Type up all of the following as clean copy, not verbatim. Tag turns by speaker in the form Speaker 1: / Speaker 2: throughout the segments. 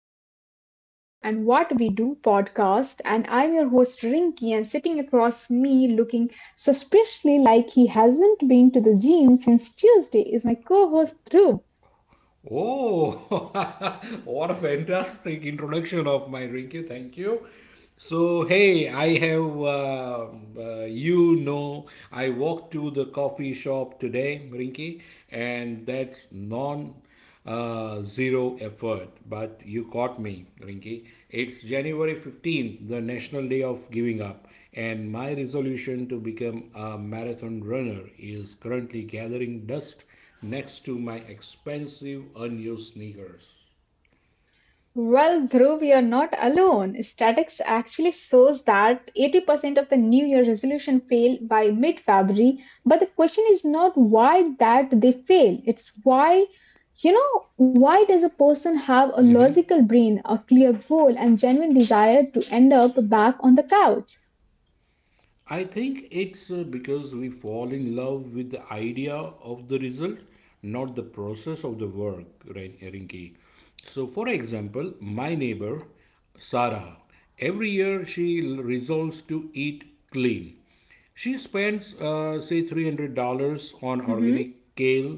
Speaker 1: to the Why We Do and What We Do podcast. And I'm your host, Rinky, and sitting across me, looking suspiciously like he hasn't been to the gym since Tuesday, is my co host, Dhruv.
Speaker 2: Oh, what a fantastic introduction of my Rinky. Thank you. So, hey, I have, you know, I walked to the coffee shop today, Rinky, and that's non zero effort. But you caught me, Rinky. It's January 15th, the National Day of Giving Up, and my resolution to become a marathon runner is currently gathering dust next to my expensive unused sneakers.
Speaker 1: Well, Dhruv, you're not alone. Statics actually shows that 80% of the New Year resolution fail by mid-February. But the question is not why that they fail. It's why, why does a person have a logical brain, a clear goal, and genuine desire to end up back on the couch?
Speaker 2: I think it's because we fall in love with the idea of the result, not the process of the work, right, Rinki. So, for example, my neighbor, Sarah, every year she resolves to eat clean. She spends, say, $300 on organic kale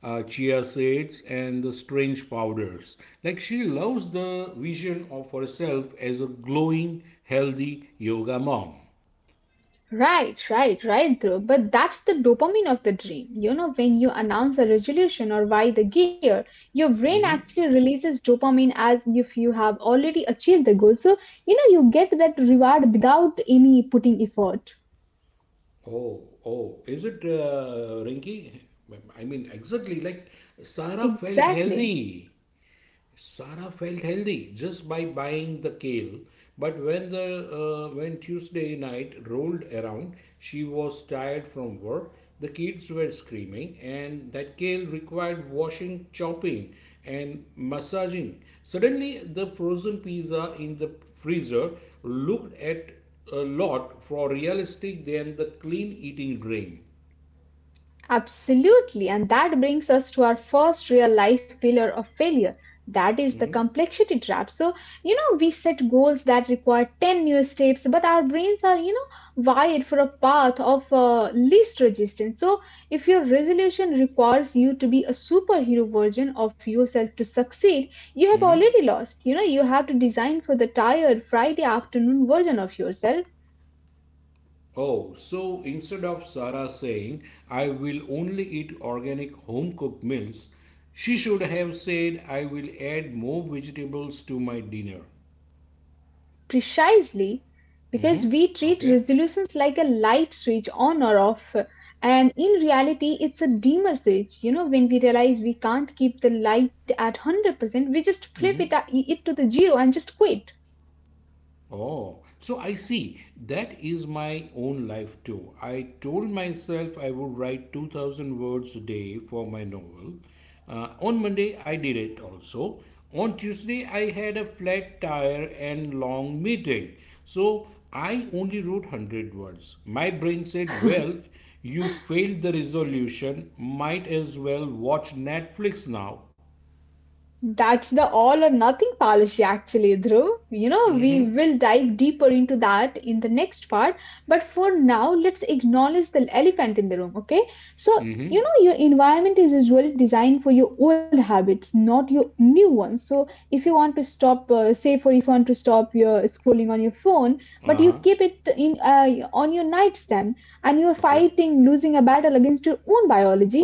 Speaker 2: chia seeds and the strange powders. Like she loves the vision of herself as a glowing, healthy yoga mom.
Speaker 1: Right, right, right, Dhruv. But that's the dopamine of the dream. You know, when you announce a resolution or buy the gear, your brain actually releases dopamine as if you have already achieved the goal. So, you know, you get that reward without any putting effort.
Speaker 2: Oh, is it, Rinky? I mean, exactly like Sarah felt
Speaker 1: Exactly.
Speaker 2: healthy. Sarah felt healthy just by buying the kale, but when Tuesday night rolled around, she was tired from work. The kids were screaming, and that kale required washing, chopping, and massaging. Suddenly, the frozen pizza in the freezer looked at a lot more realistic than the clean eating dream.
Speaker 1: Absolutely, and that brings us to our first real life pillar of failure that is the complexity trap. So, we set goals that require 10 new steps, but our brains are, wired for a path of least resistance. So, if your resolution requires you to be a superhero version of yourself to succeed, you have already lost. You know, you have to design for the tired Friday afternoon version of yourself.
Speaker 2: Oh, so instead of Sarah saying, I will only eat organic home cooked meals, she should have said, I will add more vegetables to my dinner.
Speaker 1: Precisely because we treat
Speaker 2: Okay?
Speaker 1: resolutions like a light switch on or off, and in reality, it's a dimmer switch. You know, when we realize we can't keep the light at 100%, we just flip it to the zero and just quit.
Speaker 2: Oh, so I see. That is my own life too. I told myself I would write 2000 words a day for my novel. On Monday, I did it also. On Tuesday, I had a flat tire and long meeting. So I only wrote 100 words. My brain said, well, you failed the resolution. Might as well watch Netflix now.
Speaker 1: That's the all or nothing policy, actually, Dhruv. You know, we will dive deeper into that in the next part. But for now, let's acknowledge the elephant in the room, okay? So, you know, your environment is usually designed for your old habits, not your new ones. So, if you want to stop, say, for if you want to stop your scrolling on your phone, but
Speaker 2: Uh
Speaker 1: you
Speaker 2: huh.
Speaker 1: keep it in on your nightstand and you're
Speaker 2: Okay.
Speaker 1: fighting, losing a battle against your own biology.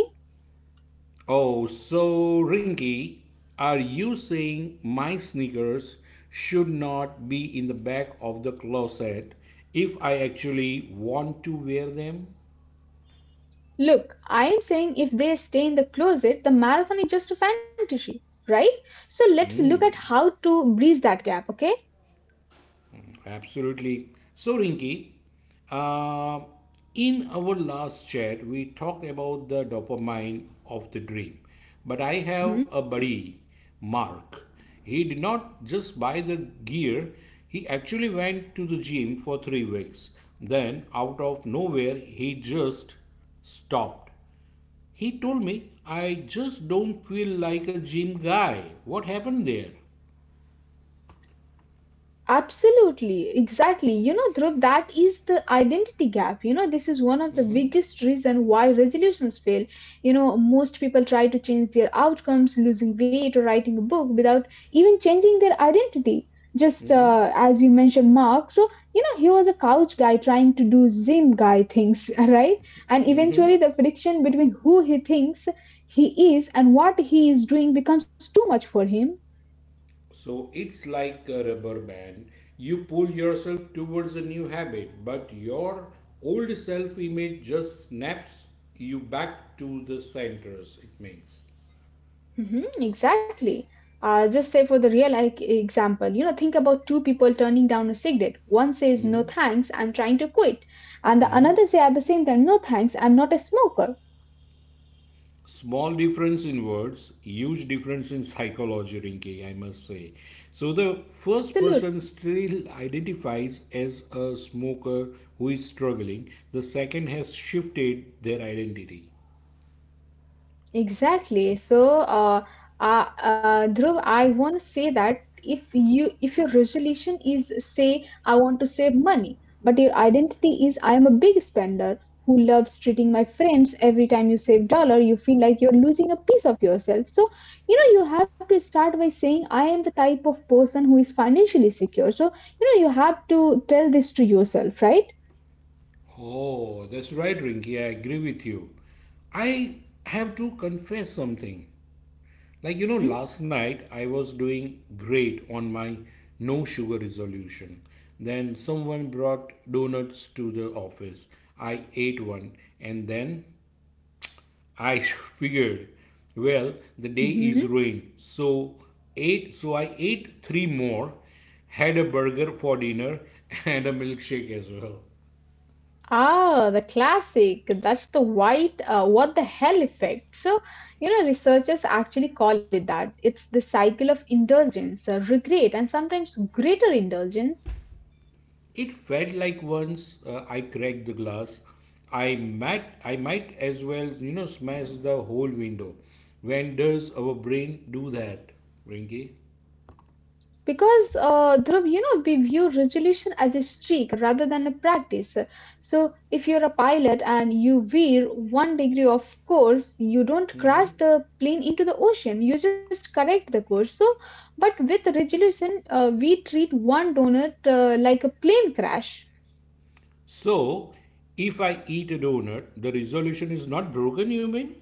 Speaker 2: Oh, so Rinky, are you saying my sneakers should not be in the back of the closet if I actually want to wear them?
Speaker 1: Look, I am saying if they stay in the closet, the marathon is just a fantasy, right? So let's look at how to bridge that gap, okay?
Speaker 2: Absolutely. So, Rinki, uh, in our last chat, we talked about the dopamine of the dream. But I have a buddy, Mark. He did not just buy the gear, he actually went to the gym for 3 weeks. Then, out of nowhere, he just stopped. He told me, I just don't feel like a gym guy. What happened there?
Speaker 1: Absolutely, exactly. You know, Dhruv, that is the identity gap. You know, this is one of the biggest reason why resolutions fail. You know, most people try to change their outcomes, losing weight or writing a book without even changing their identity. Just As you mentioned, Mark. So, you know, he was a couch guy trying to do gym guy things, right? And eventually, the friction between who he thinks he is and what he is doing becomes too much for him.
Speaker 2: So it's like a rubber band. You pull yourself towards a new habit, but your old self image just snaps you back to the centers, it means.
Speaker 1: Hmm, exactly. Just say for the real like, example, you know, think about two people turning down a cigarette. One says, "No thanks, I'm trying to quit," and the another say at the same time, "No thanks, I'm not a smoker."
Speaker 2: Small difference in words, huge difference in psychology, Rinki, I must say. So the first
Speaker 1: Absolutely.
Speaker 2: person still identifies as a smoker who is struggling, the second has shifted their identity.
Speaker 1: Exactly. So, Dhruv, I want to say that if your resolution is say I want to save money, but your identity is I am a big spender who loves treating my friends, every time you save dollar, you feel like you're losing a piece of yourself. So, you know, you have to start by saying I am the type of person who is financially secure. So, you know, you have to tell this to yourself, right?
Speaker 2: Oh, that's right, Rinky. I agree with you. I have to confess something. Like, you know, last night I was doing great on my no sugar resolution. Then someone brought donuts to the office. I ate one and then I figured, well, the day is
Speaker 1: Mm-hmm.
Speaker 2: ruined. So I ate three more, had a burger for dinner and a milkshake as well.
Speaker 1: Ah, the classic. That's the what the hell effect. So, you know, researchers actually call it that. It's the cycle of indulgence, the regret, and sometimes greater indulgence.
Speaker 2: It felt like once I cracked the glass, I might as well, you know, smash the whole window. When does our brain do that, Rinky?
Speaker 1: Because, Dhruv, you know, we view resolution as a streak rather than a practice. So, if you're a pilot and you veer one degree off course, you don't crash the plane into the ocean, you just correct the course. So, but with resolution, we treat one donut like a plane crash.
Speaker 2: So, if I eat a donut, the resolution is not broken. You mean?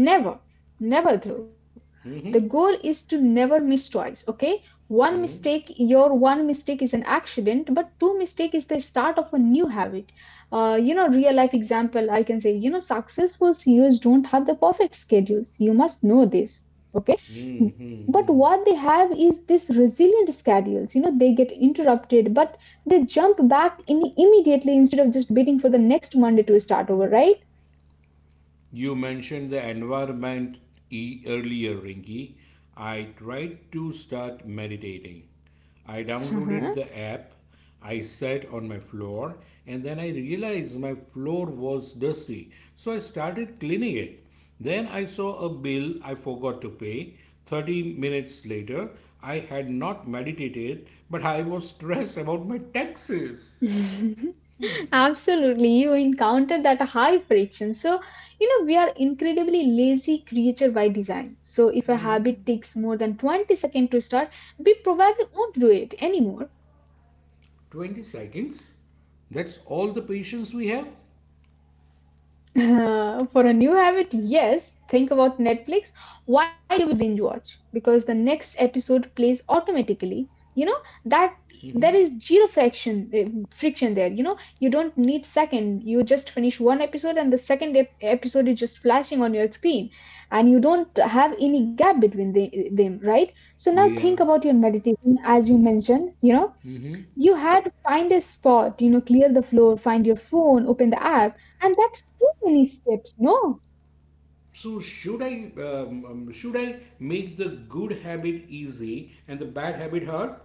Speaker 1: Never, never through. The goal is to never miss twice, okay? Your one mistake is an accident, but two mistake is the start of a new habit. You know, real life example, I can say, you know, successful CEOs don't have the perfect schedules. You must know this, okay? But what they have is this resilient schedules. You know, they get interrupted, but they jump back in immediately instead of just waiting for the next Monday to start over, right?
Speaker 2: You mentioned the earlier, Rinky. I tried to start meditating. I downloaded the app, I sat on my floor, and then I realized my floor was dusty, so I started cleaning it. Then I saw a bill I forgot to pay. 30 minutes later, I had not meditated, but I was stressed about my taxes.
Speaker 1: Absolutely, you encountered that high friction. So, you know, we are incredibly lazy creature by design. So, if a habit takes more than 20 seconds to start, we probably won't do it anymore.
Speaker 2: 20 seconds? That's all the patience we have?
Speaker 1: For a new habit, yes. Think about Netflix. Why do we binge watch? Because the next episode plays automatically. You know that there is zero friction there. You know you don't need second. You just finish one episode and the episode is just flashing on your screen, and you don't have any gap between them, right? So now think
Speaker 2: Yeah.
Speaker 1: about your meditation as you mentioned. You know you had to find a spot, you know, clear the floor, find your phone, open the app, and that's too many steps. No,
Speaker 2: So should I should I make the good habit easy and the bad habit hard,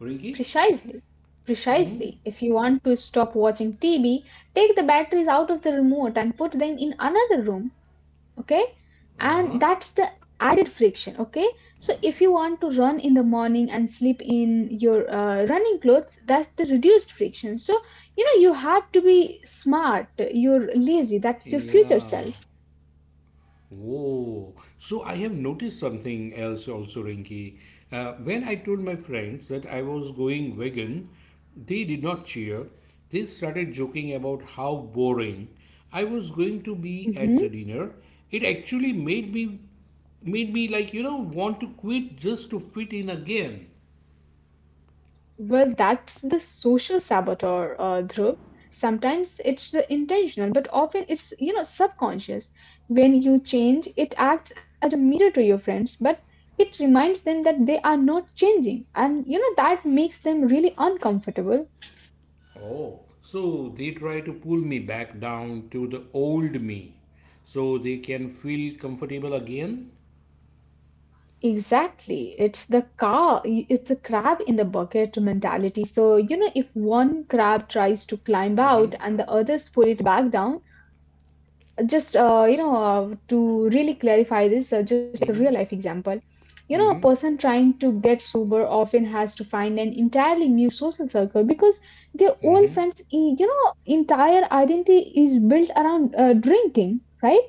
Speaker 2: Rinky?
Speaker 1: precisely. Precisely. If you want to stop watching TV, take the batteries out of the remote and put them in another room, okay?
Speaker 2: Uh huh.
Speaker 1: And that's the added friction, okay? So if you want to run in the morning and sleep in your running clothes, that's the reduced friction. So, you know, you have to be smart. You're lazy. That's your future
Speaker 2: Yeah.
Speaker 1: self.
Speaker 2: Oh, so I have noticed something else also, Rinky. When I told my friends that I was going vegan, they did not cheer. They started joking about how boring I was going to be at the
Speaker 1: Mhm.
Speaker 2: dinner. It actually made me like, you know, want to quit just to fit in again.
Speaker 1: Well, that's the social saboteur, Dhruv. Sometimes it's the intentional, but often it's, you know, subconscious. When you change, it acts as a mirror to your friends, but it reminds them that they are not changing, and you know that makes them really uncomfortable.
Speaker 2: Oh, so they try to pull me back down to the old me so they can feel comfortable again?
Speaker 1: Exactly, it's the crab in the bucket mentality. So you know, if one crab tries to climb out and the others pull it back down. Just you know To really clarify this just take a real life example, you know, a person trying to get sober often has to find an entirely new social circle because their old you know entire identity is built around drinking, right?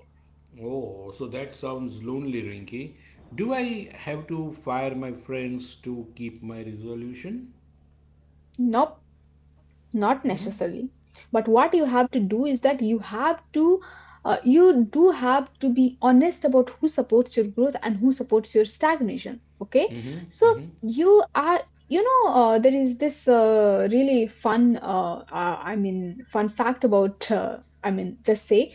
Speaker 2: Oh, so that sounds lonely, Rinky. Do I have to fire my friends to keep my resolution?
Speaker 1: Nope, not necessarily, but what you have to do is that you have to you do have to be honest about who supports your growth and who supports your stagnation, okay?
Speaker 2: Mm-hmm,
Speaker 1: So
Speaker 2: mm-hmm,
Speaker 1: you are, you know, there is this really fun I mean fun fact about I mean just say,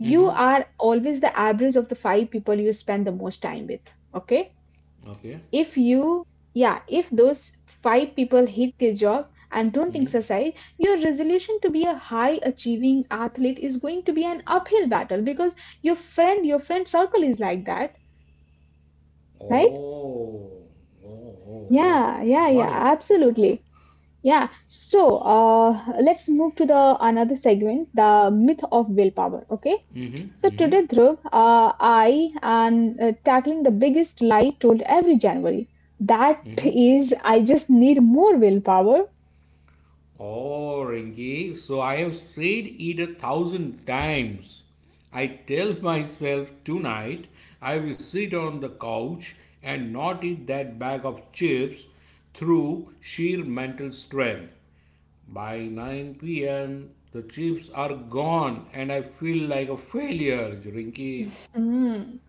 Speaker 1: you
Speaker 2: mm-hmm.
Speaker 1: are always the average of the five people you spend the most time with, okay?
Speaker 2: Okay.
Speaker 1: if you Yeah, if those five people hate their job and don't exercise, your resolution to be a high achieving athlete is going to be an uphill battle because your friend circle is like that, right?
Speaker 2: Oh, oh, oh, oh.
Speaker 1: Yeah, yeah,
Speaker 2: Got
Speaker 1: yeah,
Speaker 2: it.
Speaker 1: absolutely. Yeah, so let's move to the another segment, the myth of willpower, okay? So today, Dhruv, I am tackling the biggest lie told every January, that is I just need more willpower.
Speaker 2: Oh, Rinki, so I have said it a thousand times. I tell myself tonight I will sit on the couch and not eat that bag of chips through sheer mental strength. By 9 p.m., the chips are gone and I feel like a failure, Rinki.
Speaker 1: Mm.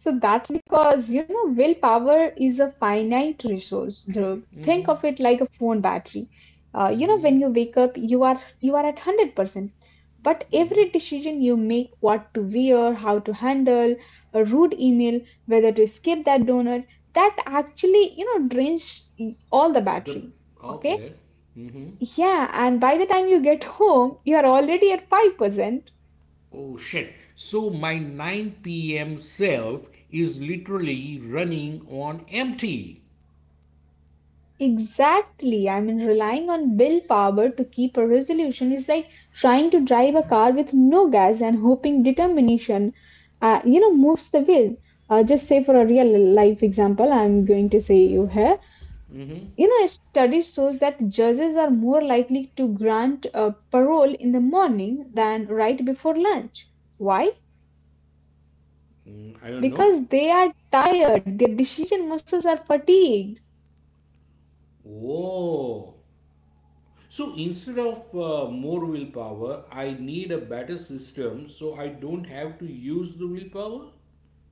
Speaker 1: So that's because, you know, willpower is a finite resource, Dhruv. Think of it like a phone battery. You know, when you wake up, you are at 100%. But every decision you make, what to wear, how to handle a rude email, whether to skip that donor, that actually, you know, drains all the
Speaker 2: The
Speaker 1: battery. Okay?
Speaker 2: okay.
Speaker 1: Yeah, and by the time you get home, you are already at 5%.
Speaker 2: Oh shit. So my 9 p.m. self is literally running on empty.
Speaker 1: Exactly. I mean, relying on bill power to keep a resolution is like trying to drive a car with no gas and hoping determination, you know, moves the wheel. Just say for a real life example, I'm going to say you here. You know, a study shows that judges are more likely to grant parole in the morning than right before lunch. Why?
Speaker 2: I don't know.
Speaker 1: Because they are tired, their decision muscles are fatigued.
Speaker 2: Oh, so instead of more willpower, I need a better system so I don't have to use the willpower,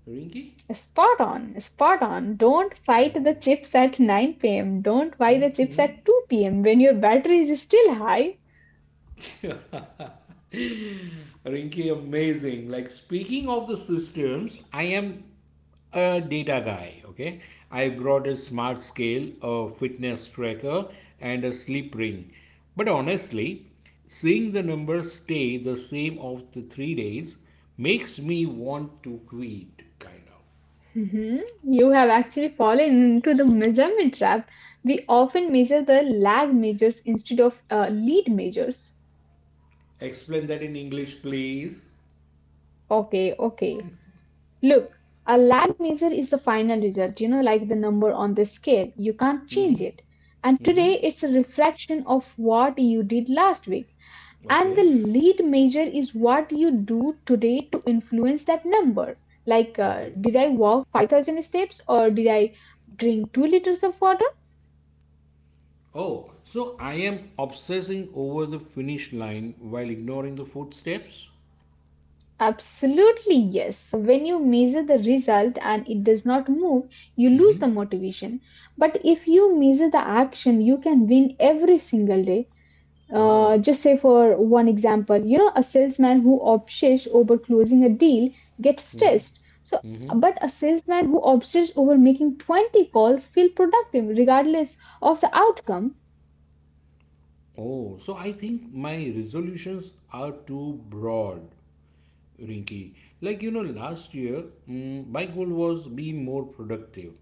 Speaker 2: Rinky?
Speaker 1: Spot on, spot on. Don't fight the chips at 9 pm. Don't buy the chips at 2 p.m. when your battery is still high.
Speaker 2: Rinky, amazing. Like speaking of the systems, I am a data guy. Okay, I brought a smart scale, a fitness tracker, and a sleep ring. But honestly, seeing the numbers stay the same of the 3 days makes me want to quit. Kind of.
Speaker 1: Mhm. You have actually fallen into the measurement trap. We often measure the lag measures instead of lead measures.
Speaker 2: Explain that in English, please.
Speaker 1: Okay, okay. Look, a lag measure is the final result, you know, like the number on the scale. You can't change it. And today it's a reflection of what you did last week. And
Speaker 2: Okay.
Speaker 1: the lead measure is what you do today to influence that number, like
Speaker 2: Okay.
Speaker 1: did I walk 5,000 steps or did I drink 2 liters of water?
Speaker 2: Oh, so I am obsessing over the finish line while ignoring the footsteps?
Speaker 1: Absolutely, yes. When you measure the result and it does not move, you lose the motivation. But if you measure the action, you can win every single day.
Speaker 2: Oh.
Speaker 1: Just say for one example, you know, a salesman who obsesses over closing a deal gets stressed. But a salesman who obsesses over making 20 calls feel productive regardless of the outcome.
Speaker 2: Oh, so I think my resolutions are too broad, Rinky. Like, you know, last year, mm, my goal was be more productive.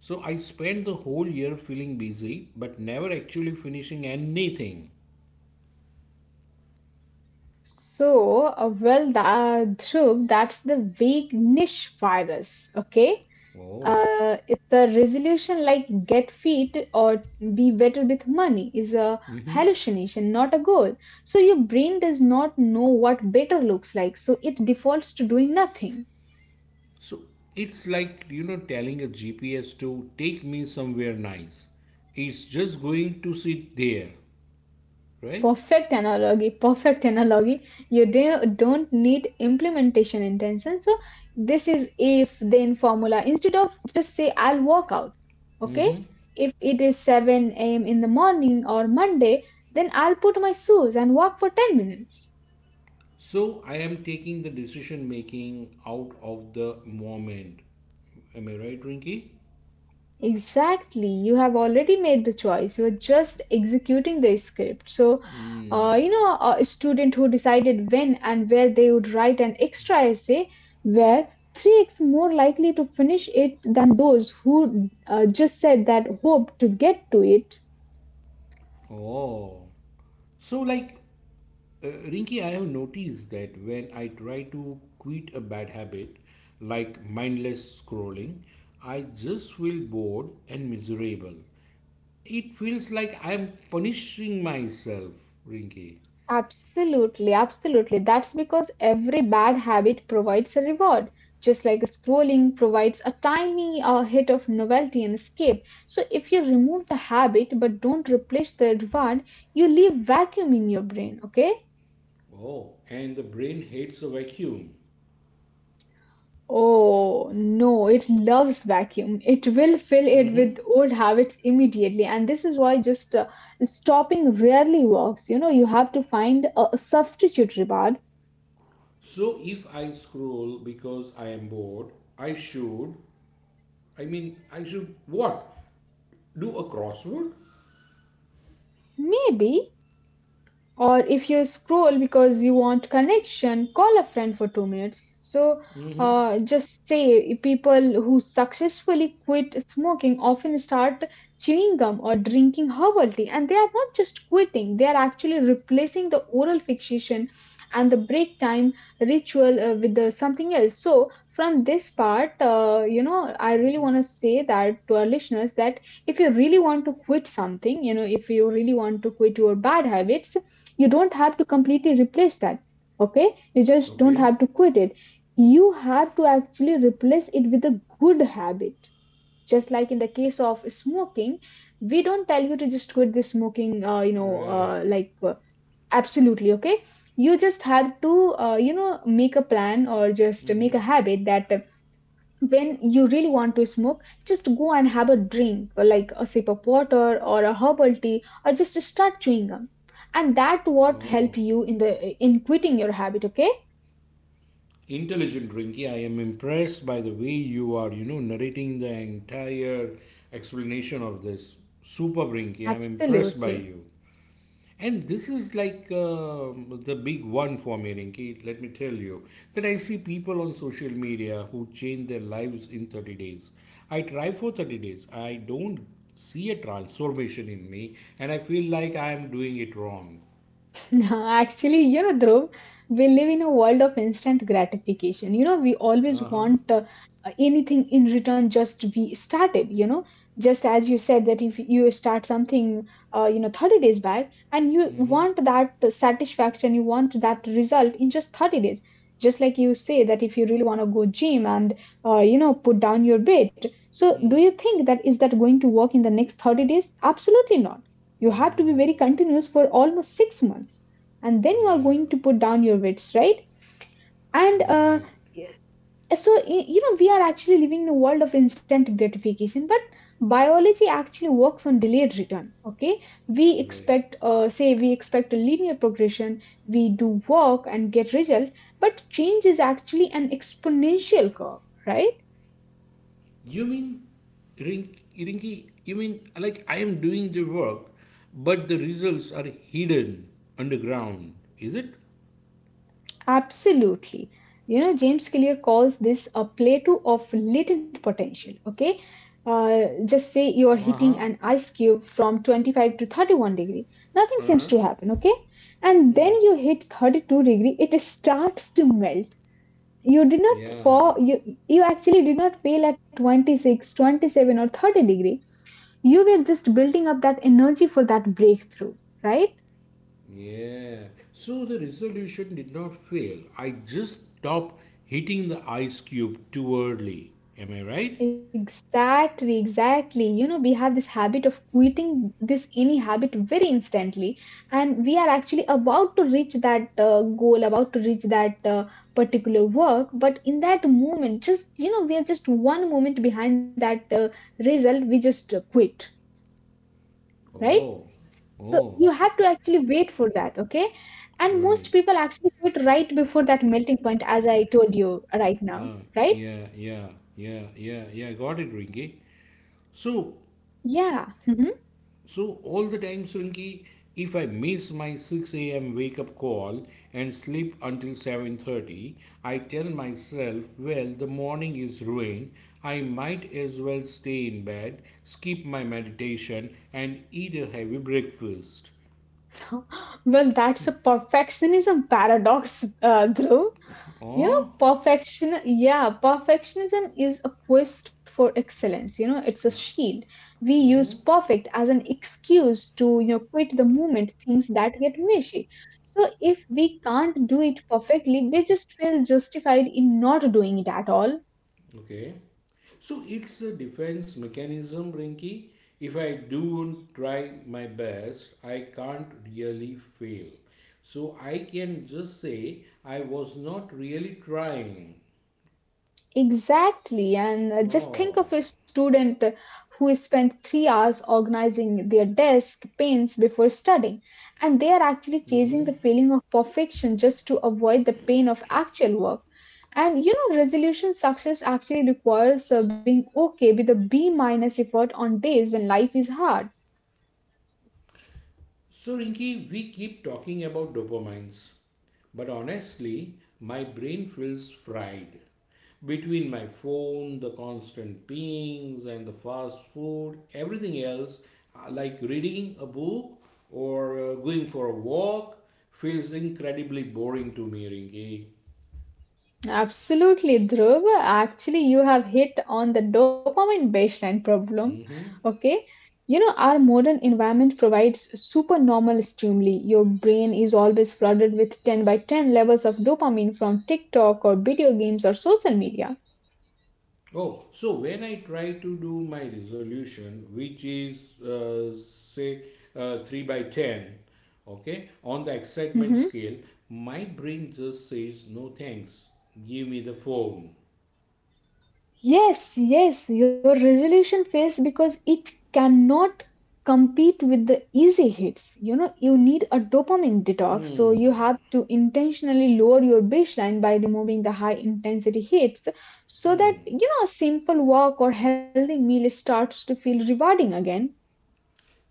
Speaker 2: So I spent the whole year feeling busy, but never actually finishing anything.
Speaker 1: So, well, that Dhruv, that's the vague niche virus, okay?
Speaker 2: Oh,
Speaker 1: It's a resolution like get fit or be better with money is a hallucination, not a goal. So your brain does not know what better looks like, so it defaults to doing nothing.
Speaker 2: so it's like, you know, telling a GPS to take me somewhere nice. It's just going to sit there, right?
Speaker 1: Perfect analogy, perfect analogy. Don't need implementation intention. So this is if then formula. Instead of just say I'll walk out, okay? If it is 7 a.m. in the morning or Monday, then I'll put my shoes and walk for 10 minutes.
Speaker 2: So I am taking the decision making out of the moment. Am I right, Rinky?
Speaker 1: Exactly. You have already made the choice. You are just executing the script. You know, a student who decided when and where they would write an extra essay were 3x more likely to finish it than those who just said that hope to get to it.
Speaker 2: Oh. So, like, Rinky, I have noticed that when I try to quit a bad habit, like mindless scrolling, I just feel bored and miserable. It feels like I am punishing myself, Rinky.
Speaker 1: Absolutely, absolutely. That's because every bad habit provides a reward, just like scrolling provides a tiny hit of novelty and escape. So, if you remove the habit but don't replace the reward, you leave vacuum in your brain, okay?
Speaker 2: Oh, and the brain hates a vacuum.
Speaker 1: Oh no, it loves vacuum. It will fill it with old habits immediately, and this is why just stopping rarely works. You know, you have to find a substitute reward.
Speaker 2: So if I scroll because I am bored, I should I should what? Do a crossword?
Speaker 1: Maybe. Or if you scroll because you want connection, call a friend for 2 minutes. So just say people who successfully quit smoking often start chewing gum or drinking herbal tea, and they are not just quitting, they are actually replacing the oral fixation and the break time ritual with the something else. So from this part, you know, I really want to say that to our listeners that if you really want to quit something, you know, if you really want to quit your bad habits, you don't have to completely replace that, okay, you just
Speaker 2: Okay.
Speaker 1: don't have to quit it. You have to actually replace it with a good habit, just like in the case of smoking. We don't tell you to just quit the smoking, you know,
Speaker 2: Right.
Speaker 1: uh, like uh, absolutely, okay, you just have to, you know, make a plan or just make a habit that, when you really want to smoke, just go and have a drink, or like a sip of water or a herbal tea, or just start chewing gum. And that what help
Speaker 2: Oh.
Speaker 1: you in the in quitting your habit. Okay,
Speaker 2: Intelligent Rinky, I am impressed by the way you are, you know, narrating the entire explanation of this. Super Rinky, I'm impressed by
Speaker 1: absolutely.
Speaker 2: you. And this is the big one for me, Rinki. Let me tell you that I see people on social media who change their lives in 30 days. I try for 30 days. I don't see a transformation in me, and I feel like I am doing it wrong.
Speaker 1: Actually, you know, Dhruv, we live in a world of instant gratification. You know, we always
Speaker 2: Uh huh.
Speaker 1: want, anything in return, just we started, you know. Just as you said that if you start something, you know, 30 days back and you
Speaker 2: Mm
Speaker 1: want that satisfaction, you want that result in just 30 days. Just like you say that if you really want to go gym and, you know, put down your weight. So do
Speaker 2: hmm.
Speaker 1: you think that is that going to work in the next 30 days? Absolutely not. You have to be
Speaker 2: No.
Speaker 1: very continuous for almost 6 months, and then you are
Speaker 2: Yeah.
Speaker 1: going to put down your weights, right? and uh,
Speaker 2: Right.
Speaker 1: so y- you know, we are actually living in a world of instant gratification, but biology actually works on delayed return, okay? We
Speaker 2: Right.
Speaker 1: expect, say, we expect a linear progression. We do work and get result, but change is actually an exponential curve, right?
Speaker 2: You mean, Rinky, you mean like I am doing the work, but the results are hidden underground, is it?
Speaker 1: Absolutely. You know, James Clear calls this a plateau of latent potential. Okay. Just say you are
Speaker 2: Uh
Speaker 1: hitting
Speaker 2: huh.
Speaker 1: an ice cube from 25 to 31 degree. Nothing
Speaker 2: Uh
Speaker 1: seems
Speaker 2: huh.
Speaker 1: to happen. Okay. And then you hit 32 degree, it starts to melt. You did not
Speaker 2: Yeah.
Speaker 1: fall, you, you actually did not fail at 26, 27, or 30 degree. You were just building up that energy for that breakthrough, right?
Speaker 2: Yeah. So the resolution did not fail. I just stopped hitting the ice cube too early. Am I right?
Speaker 1: Exactly, exactly. You know, we have this habit of quitting this any habit very instantly, and we are actually about to reach that goal, about to reach that particular work. But in that moment, just you know, we are just one moment behind that result, we just quit, right?
Speaker 2: Oh.
Speaker 1: So
Speaker 2: Oh,
Speaker 1: you have to actually wait for that, okay? And
Speaker 2: right.
Speaker 1: most people actually quit right before that melting point, as I told you right now,
Speaker 2: Uh,
Speaker 1: right?
Speaker 2: yeah, yeah, yeah, yeah, yeah. Got it, Rinky. So,
Speaker 1: Yeah.
Speaker 2: So all the time, Swinky, if I miss my 6 a.m. wake up call and sleep until 7:30, I tell myself, well, the morning is ruined. I might as well stay in bed, skip my meditation and eat a heavy breakfast.
Speaker 1: Well, that's a perfectionism paradox, Dhruv. You know,
Speaker 2: Or
Speaker 1: perfection, yeah, perfectionism is a quest for excellence. You know, it's a shield. We use perfect as an excuse to, you know, quit the moment things that get mushy. So if we can't do it perfectly, we just feel justified in not doing it at all.
Speaker 2: okay. So it's a defense mechanism, Rinky. If I don't try my best, I can't really fail. So I can just say I was not really trying.
Speaker 1: Exactly, and just think
Speaker 2: Oh.
Speaker 1: of a student who spent 3 hours organizing their desk pains before studying, and they are actually chasing the feeling of perfection just to avoid the pain of actual work. And you know, resolution success actually requires being okay with a B minus effort on days when life is hard.
Speaker 2: So, Rinki, we keep talking about dopamines, but honestly, my brain feels fried. Between my phone, the constant pings, and the fast food, everything else, like reading a book or going for a walk, feels incredibly boring to me, Rinki.
Speaker 1: Absolutely, Dhruv. Actually, you have hit on the dopamine baseline problem.
Speaker 2: Hmm.
Speaker 1: Okay. You know, our modern environment provides supernormal stimuli. Your brain is always flooded with 10 by 10 levels of dopamine from TikTok or video games or social media.
Speaker 2: Oh, so when I try to do my resolution, which is say 3 by 10, okay, on the excitement
Speaker 1: Mm-hmm.
Speaker 2: scale, my brain just says, no thanks, give me the phone.
Speaker 1: Yes, yes, your resolution fails because it cannot compete with the easy hits. You know, you need a dopamine detox, so you have to intentionally lower your baseline by removing the high intensity hits so that,
Speaker 2: Hmm.
Speaker 1: you know, a simple walk or healthy meal starts to feel rewarding again.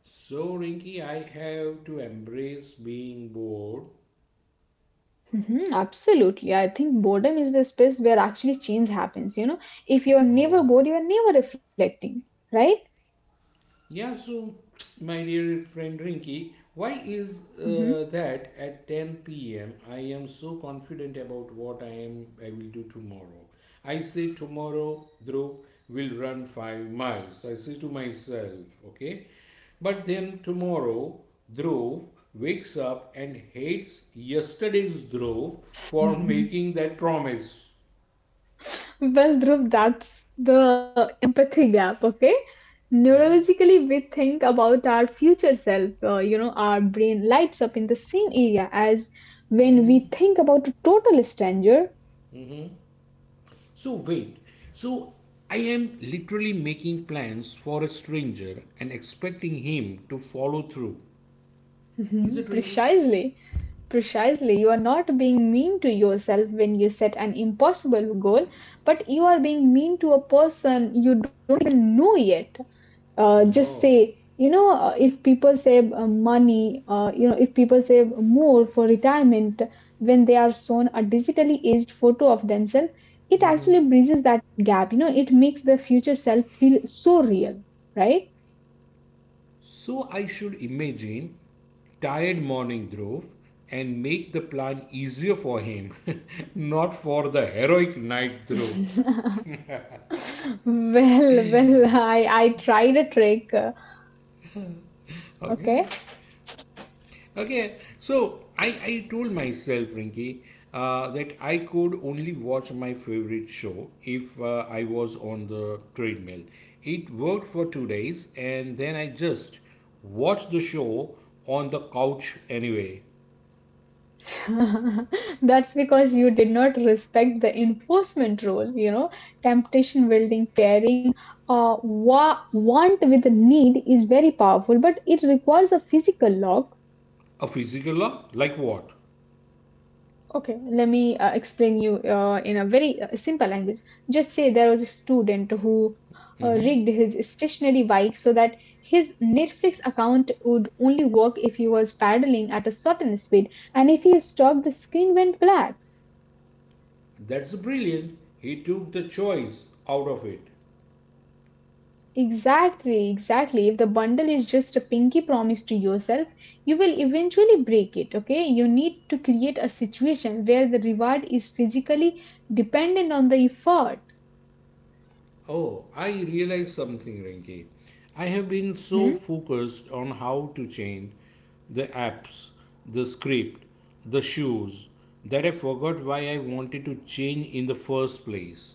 Speaker 2: So, Rinky, I have to embrace being bored.
Speaker 1: Mhm, absolutely. I think boredom is the space where actually change happens. You know, if you're never
Speaker 2: Oh.
Speaker 1: bored, you're never reflecting, right?
Speaker 2: Yeah, so my dear friend Rinky, why is
Speaker 1: Hmm.
Speaker 2: uh, that at 10 p.m. I am so confident about what I will do tomorrow. I say tomorrow Dhruv will run 5 miles. I say to myself, okay? But then tomorrow Dhruv wakes up and hates yesterday's Dhruv for making that promise.
Speaker 1: Well, Dhruv, that's the empathy gap, okay? Neurologically, we think about our future self. You know, our brain lights up in the same area as when we think about a total stranger.
Speaker 2: So wait, so I am literally making plans for a stranger and expecting him to follow through. Is it
Speaker 1: Mhm,
Speaker 2: ringing?
Speaker 1: precisely. Precisely. You are not being mean to yourself when you set an impossible goal, but you are being mean to a person you don't even know yet. Just
Speaker 2: No.
Speaker 1: say, you know, if people save, money, you know, if people save more for retirement when they are shown a digitally aged photo of themselves, it actually bridges that gap. You know, it makes the future self feel so real, right?
Speaker 2: So I should imagine tired morning Dhruv and make the plan easier for him, not for the heroic night Dhruv.
Speaker 1: Well, well, I tried a trick,
Speaker 2: Okay.
Speaker 1: okay.
Speaker 2: Okay, so I told myself, Rinky, that I could only watch my favorite show if I was on the treadmill. It worked for 2 days, and then I just watched the show on the couch anyway.
Speaker 1: That's because you did not respect the enforcement rule. You know, temptation building pairing, want with the need is very powerful, but it requires a physical lock.
Speaker 2: A physical law? Like what?
Speaker 1: Okay, let me explain you in a very simple language. Just say there was a student who rigged his stationary bike so that his Netflix account would only work if he was paddling at a certain speed, and if he stopped, the screen went black.
Speaker 2: That's brilliant. He took the choice out of it.
Speaker 1: Exactly, exactly. If the bundle is just a pinky promise to yourself, you will eventually break it, okay? You need to create a situation where the reward is physically dependent on the effort.
Speaker 2: Oh, I realized something, Rinki. I have been so
Speaker 1: Mhm.
Speaker 2: focused on how to change the apps, the script, the shoes, that I forgot why I wanted to change in the first place.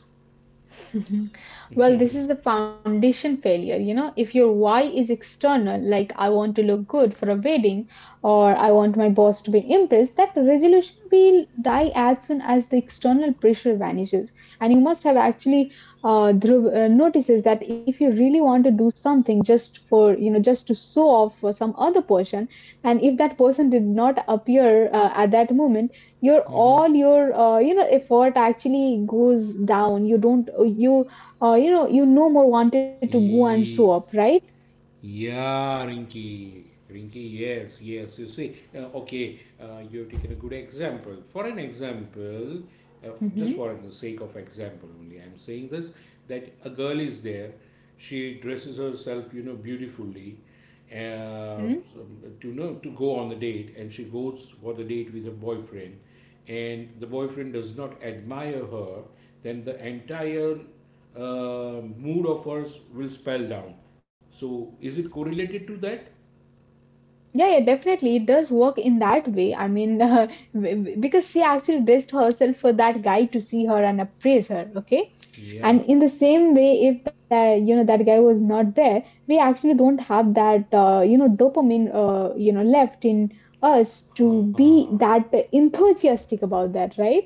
Speaker 1: Well, this is the foundation failure. You know, if your why is external, like I want to look good for a wedding or I want my boss to be impressed, that resolution will die as soon as the external pressure vanishes. And you must have actually, Dhruv, notices that if you really want to do something just for, you know, just to show off for some other person, and if that person did not appear at that moment, your all your, you know, effort actually goes down. You don't you, you know, you no more wanted to go and show up, right?
Speaker 2: Yeah, Rinky. Rinky, yes, yes. You see, okay, you've taken a good example. For an example, just
Speaker 1: Mm-hmm.
Speaker 2: for the sake of example only, I'm saying this that a girl is there, she dresses herself, you know, beautifully, uh,
Speaker 1: Mm-hmm.
Speaker 2: so- to know to go on the date, and she goes for the date with her boyfriend, and the boyfriend does not admire her, then the entire mood of hers will spell down. So, is it correlated to that?
Speaker 1: Yeah, yeah, definitely. It does work in that way. I mean, because she actually dressed herself for that guy to see her and appraise her. Okay. And
Speaker 2: Yeah.
Speaker 1: in the same way, if that, you know, that guy was not there, we actually don't have that, you know, dopamine, you know, left in us to
Speaker 2: Huh.
Speaker 1: be that enthusiastic about that, right?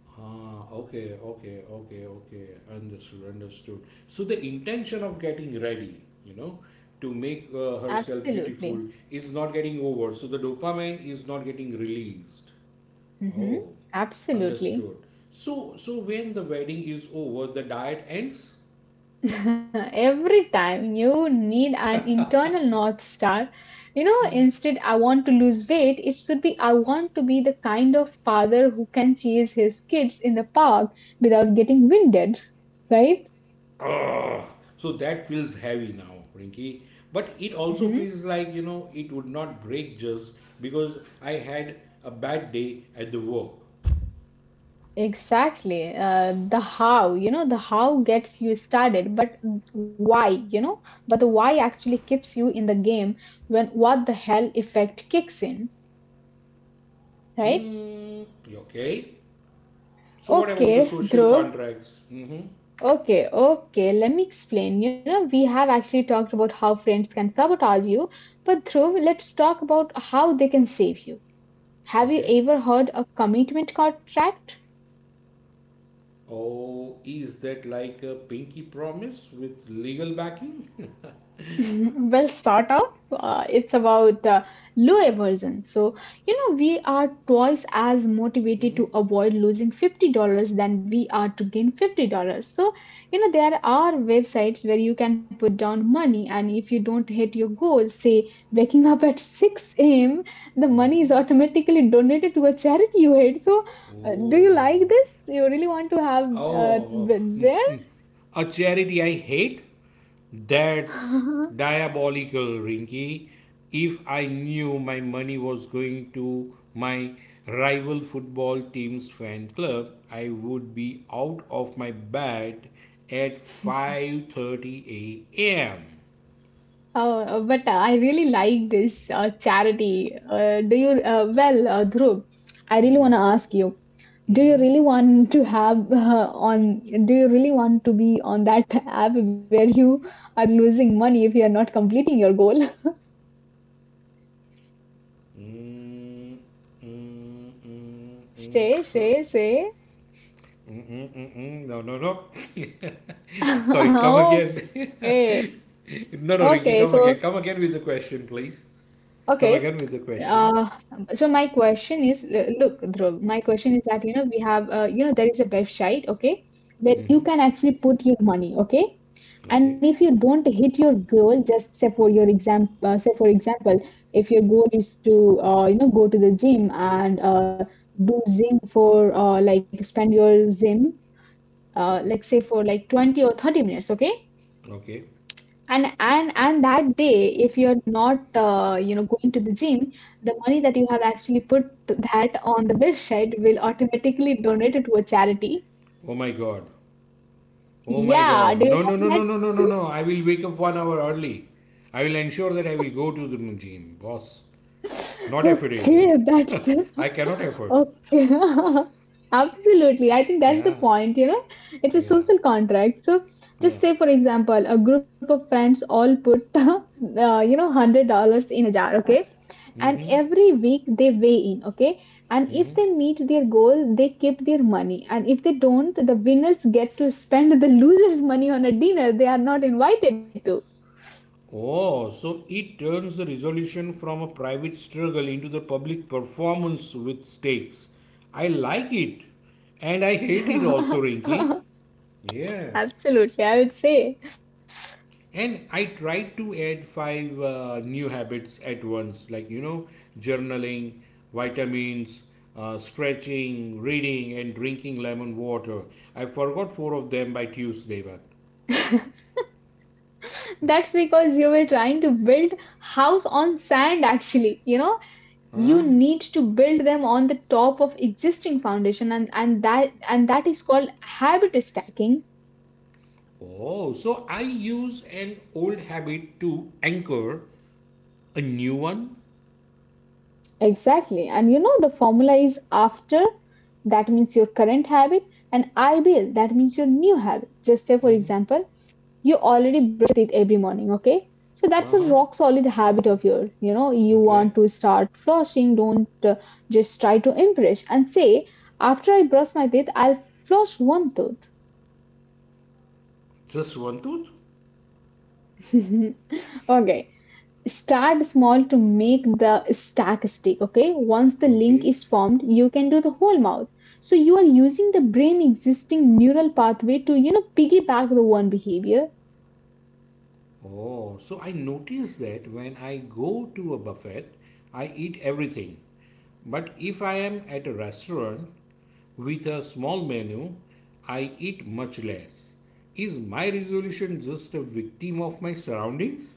Speaker 2: Huh. Okay. Okay. Okay. Okay. Understood. Understood. So the intention of getting ready, you know, to make herself
Speaker 1: Absolutely.
Speaker 2: beautiful is not getting over. So the dopamine is not getting released.
Speaker 1: Hmm.
Speaker 2: Oh,
Speaker 1: Absolutely.
Speaker 2: understood. So, when the wedding is over, the diet ends?
Speaker 1: Every time you need an internal North Star. You know, instead, I want to lose weight, it should be I want to be the kind of father who can chase his kids in the park without getting winded, right?
Speaker 2: Ugh. So that feels heavy now, Rinky. But it also
Speaker 1: Hmm.
Speaker 2: feels like, you know, it would not break just because I had a bad day at the work.
Speaker 1: Exactly. The how, you know, the how gets you started, but why, you know, but the why actually keeps you in the game when what the hell effect kicks in, right?
Speaker 2: Hmm, okay. So what about
Speaker 1: Okay,
Speaker 2: the social
Speaker 1: Dhruv.
Speaker 2: contracts? Mm-hmm.
Speaker 1: Okay, okay. Let me explain. You know, we have actually talked about how friends can sabotage you, but Dhruv, let's talk about how they can save you. Have you
Speaker 2: Okay.
Speaker 1: ever heard of commitment contract?
Speaker 2: Oh, is that like a pinky promise with legal backing?
Speaker 1: Well, sort of. It's about low aversion. So, you know, we are twice as motivated
Speaker 2: Mm-hmm.
Speaker 1: to avoid losing $50 than we are to gain $50. So, you know, there are websites where you can put down money, and if you don't hit your goal, say waking up at 6 a.m., the money is automatically donated to a charity you hate. So,
Speaker 2: Oh.
Speaker 1: do you
Speaker 2: Oh.
Speaker 1: like this? You really want to have
Speaker 2: Oh,
Speaker 1: uh,
Speaker 2: oh. Mm, mm. A charity I hate? That's
Speaker 1: there?
Speaker 2: diabolical, Rinky. If I knew my money was going to my rival football team's fan club, I would be out of my bed at 5:30 a.m.
Speaker 1: But I really like this charity. Dhruv, I really want to ask you, do you really want to have do you really want to be on that app where you are losing money if you are not completing your goal?
Speaker 2: Mm, mm, mm,
Speaker 1: Say,
Speaker 2: mm.
Speaker 1: say, say.
Speaker 2: Mm-mm, mm-mm, no, no, no. Sorry, come again.
Speaker 1: Okay.
Speaker 2: No, no,
Speaker 1: Okay,
Speaker 2: Ricky,
Speaker 1: so
Speaker 2: come again. Come again with the question, please. Come
Speaker 1: Okay.
Speaker 2: again with the question.
Speaker 1: Uh, so my question is, look, Dhruv, my question is that, you know, we have, you know, there is a website, okay, where
Speaker 2: Mm-hmm.
Speaker 1: you can actually put your money, okay? And
Speaker 2: Okay,
Speaker 1: if you don't hit your goal, just say for your exam, say for example, if your goal is to, you know, go to the gym and do gym for, like, spend your gym, like say for like 20 or 30 minutes, okay?
Speaker 2: okay.
Speaker 1: And that day, if you're not you know going to the gym, the money that you have actually put that on the website will automatically donate it to a charity.
Speaker 2: Oh my God. Oh my
Speaker 1: Yeah,
Speaker 2: God.
Speaker 1: do you
Speaker 2: No, no, no, no,
Speaker 1: like
Speaker 2: no, no, no,
Speaker 1: that?
Speaker 2: no. I will wake up 1 hour early. I will ensure that I will go to the gym. Boss, not affordable.
Speaker 1: Okay, that's okay.
Speaker 2: I cannot afford.
Speaker 1: Absolutely. I think that's the
Speaker 2: Yeah,
Speaker 1: point, you know. It's a
Speaker 2: yeah,
Speaker 1: social contract. So
Speaker 2: yeah.
Speaker 1: just say for example, a group of friends all put you know $100 in a jar, okay? And
Speaker 2: Mm-hmm.
Speaker 1: every week they weigh in, okay? And if they meet their goal, they keep their money. And if they don't, the winners get to spend the losers' money on a dinner they are not invited to.
Speaker 2: Oh, so it turns the resolution from a private struggle into the public performance with stakes. I like it. And I hate it also, Rinky. Yeah.
Speaker 1: Absolutely, I would say.
Speaker 2: And I tried to add five new habits at once, like, you know, journaling, vitamins, stretching, reading, and drinking lemon water. I forgot four of them by Tuesday, but.
Speaker 1: That's because you were trying to build house on sand actually, you know.
Speaker 2: Huh?
Speaker 1: You need to build them on the top of existing foundation, and that is called habit stacking.
Speaker 2: Oh, so I use an old habit to anchor a new one?
Speaker 1: Exactly. And you know the formula is after, that means your current habit, and IBL, that means your new habit. Just say for example, you already brush your teeth every morning, okay? So
Speaker 2: Uh
Speaker 1: that's
Speaker 2: huh.
Speaker 1: a rock solid habit of yours. You know, you
Speaker 2: Okay.
Speaker 1: want to start flushing, don't just try to impress and say, after I brush my teeth, I'll flush one
Speaker 2: Just one tooth?
Speaker 1: tooth. Okay. Start small to make the stack stick, okay? Once the link
Speaker 2: Okay.
Speaker 1: is formed, you can do the whole mouth. So you are using the brain existing neural pathway to, you know, piggyback the one behavior.
Speaker 2: Oh, so I notice that when I go to a buffet, I eat everything. But if I am at a restaurant with a small menu, I eat much less. Is my resolution just a victim of my surroundings?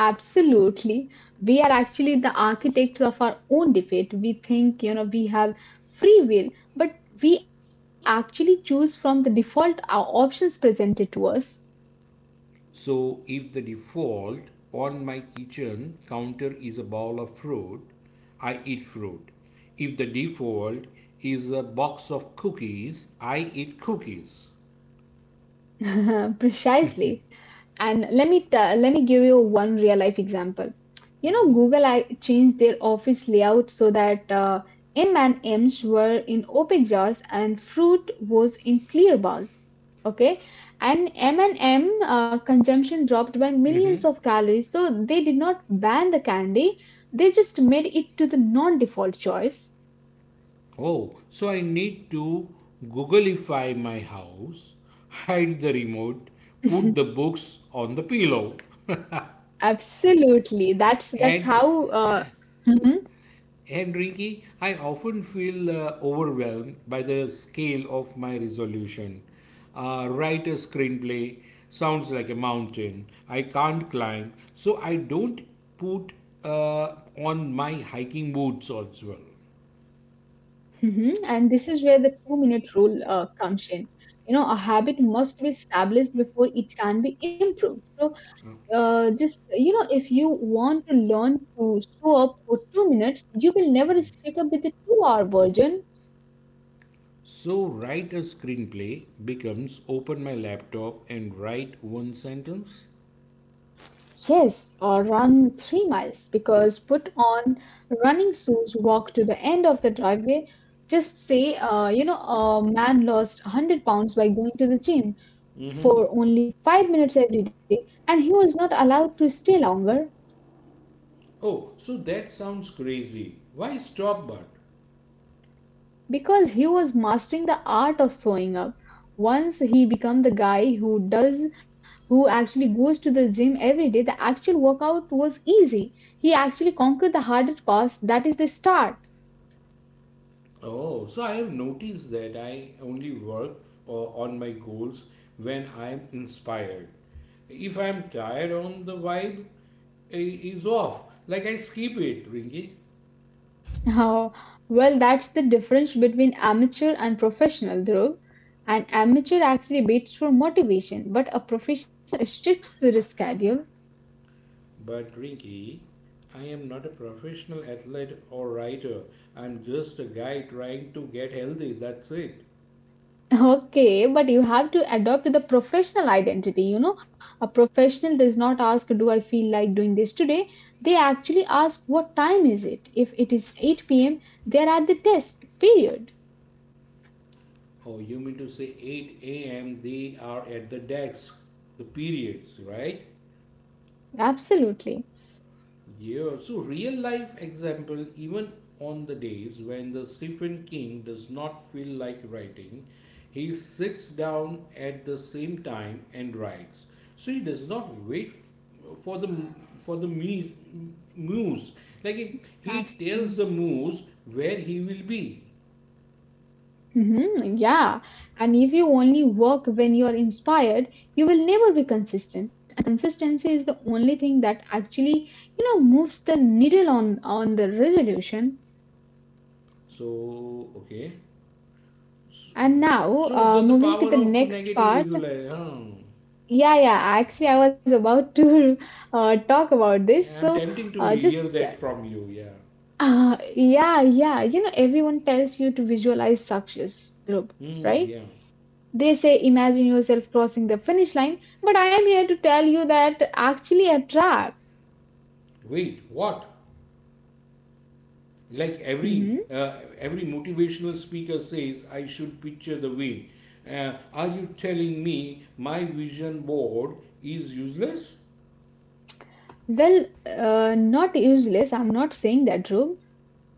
Speaker 1: Absolutely. We are actually the architects of our own debate. We think, you know, we have free will, but we actually choose from the default options presented to us.
Speaker 2: So if the default on my kitchen counter is a bowl of fruit, I eat fruit. If the default is a box of cookies, I eat cookies.
Speaker 1: Precisely. And let me give you one real life example. You know, Google I changed their office layout so that M and M's were in opaque jars and fruit was in clear bowls. Okay, and M consumption dropped by millions of calories. So they did not ban the candy; they just made it to the non-default choice.
Speaker 2: Oh, so I need to Googleify my house, hide the remote, put the books on the pillow,
Speaker 1: Absolutely, that's
Speaker 2: and
Speaker 1: how.
Speaker 2: And Rinky, I often feel overwhelmed by the scale of my resolution. Write a screenplay sounds like a mountain. I can't climb, so I don't put uh, on my hiking boots as well.
Speaker 1: And this is where the 2 minute rule comes in. You know, a habit must be established before it can be improved. So, just, you know, if you want to learn to show up for 2 minutes, you will never stick up with the 2 hour version.
Speaker 2: So, write a screenplay becomes open my laptop and write one sentence.
Speaker 1: Yes, or run 3 miles because put on running shoes, walk to the end of the driveway. Just say, you know, a man lost 100 pounds by going to the gym for only 5 minutes every day, and he was not allowed to stay longer
Speaker 2: Oh, so that sounds crazy. Why stop but?
Speaker 1: because he was mastering the art of sewing up. Once he became the guy who does, who actually goes to the gym every day, the actual workout was easy. He actually conquered the harder parts. That is the start.
Speaker 2: Oh, so I have noticed that I only work on my goals when I am inspired. If I am tired on the vibe I- is off, like I skip it, Rinky.
Speaker 1: Oh, well, that's the difference between amateur and professional, Dhruv. An amateur actually waits for motivation, but a professional sticks to the schedule.
Speaker 2: But Rinky, I am not a professional athlete or writer. I'm just a guy trying to get healthy. That's it.
Speaker 1: Okay, but you have to adopt the professional identity. You know, a professional does not ask, do I feel like doing this today? They actually ask, what time is it? If it is 8 p.m., they are at the desk, period.
Speaker 2: Oh, you mean to say 8 a.m. they are at the desk, the periods, right?
Speaker 1: Absolutely.
Speaker 2: Yeah, so real life example, even on the days when the Stephen King does not feel like writing, he sits down at the same time and writes. So he does not wait for the muse. Like he tells
Speaker 1: Absolutely.
Speaker 2: the muse where he will be.
Speaker 1: Yeah. And if you only work when you are inspired, you will never be consistent. And consistency is the only thing that actually, you know, moves the needle on the resolution.
Speaker 2: So okay, so, mm.
Speaker 1: And now,
Speaker 2: So the
Speaker 1: moving to
Speaker 2: power
Speaker 1: the
Speaker 2: of
Speaker 1: next
Speaker 2: negative
Speaker 1: part.
Speaker 2: visualization. Huh.
Speaker 1: Yeah, yeah. Actually, I was about to talk about this.
Speaker 2: Yeah, I'm
Speaker 1: So,
Speaker 2: tempting to hear
Speaker 1: just
Speaker 2: that from you. Yeah,
Speaker 1: yeah, yeah. You know, everyone tells you to visualize success, Dhruv,
Speaker 2: mm,
Speaker 1: right?
Speaker 2: yeah.
Speaker 1: They say imagine yourself crossing the finish line, but I am here to tell you that actually a trap.
Speaker 2: Wait, what? Like every
Speaker 1: Mhm.
Speaker 2: uh, every motivational speaker says, I should picture the win. Are you telling me my vision board is useless?
Speaker 1: Well, not useless. I'm not saying that, Dhruv.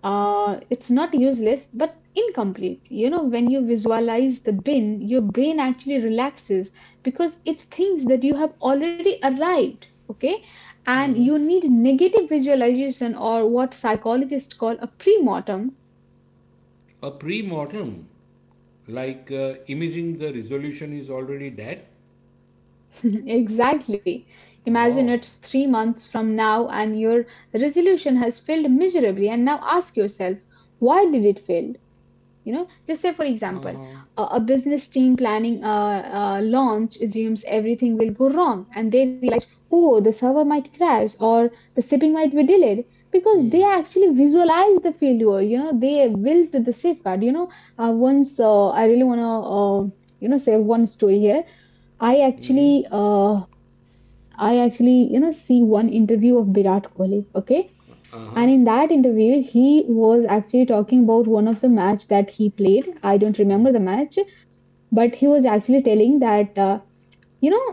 Speaker 1: It's not useless but incomplete. You know, when you visualize the bin, your brain actually relaxes because it thinks that you have already arrived, okay? And you need negative visualization, or what psychologists call a pre-mortem.
Speaker 2: A pre-mortem, like imaging the resolution is already dead.
Speaker 1: Exactly. Imagine
Speaker 2: Oh.
Speaker 1: it's 3 months from now and your resolution has failed miserably, and now ask yourself, why did it fail? You know, just say for
Speaker 2: Uh
Speaker 1: example
Speaker 2: huh.
Speaker 1: a business team planning a launch assumes everything will go wrong and they realize, oh, the server might crash or the shipping might be delayed, because they
Speaker 2: Hmm.
Speaker 1: actually visualize the failure. You know, they built the safeguard, you know. Once I really want to you know share one story here. i
Speaker 2: Mm-hmm.
Speaker 1: actually uh, I actually, you know, see one interview of Virat Kohli, okay?
Speaker 2: Uh huh.
Speaker 1: And in that interview, he was actually talking about one of the match that he played. I don't remember the match, but he was actually telling that you know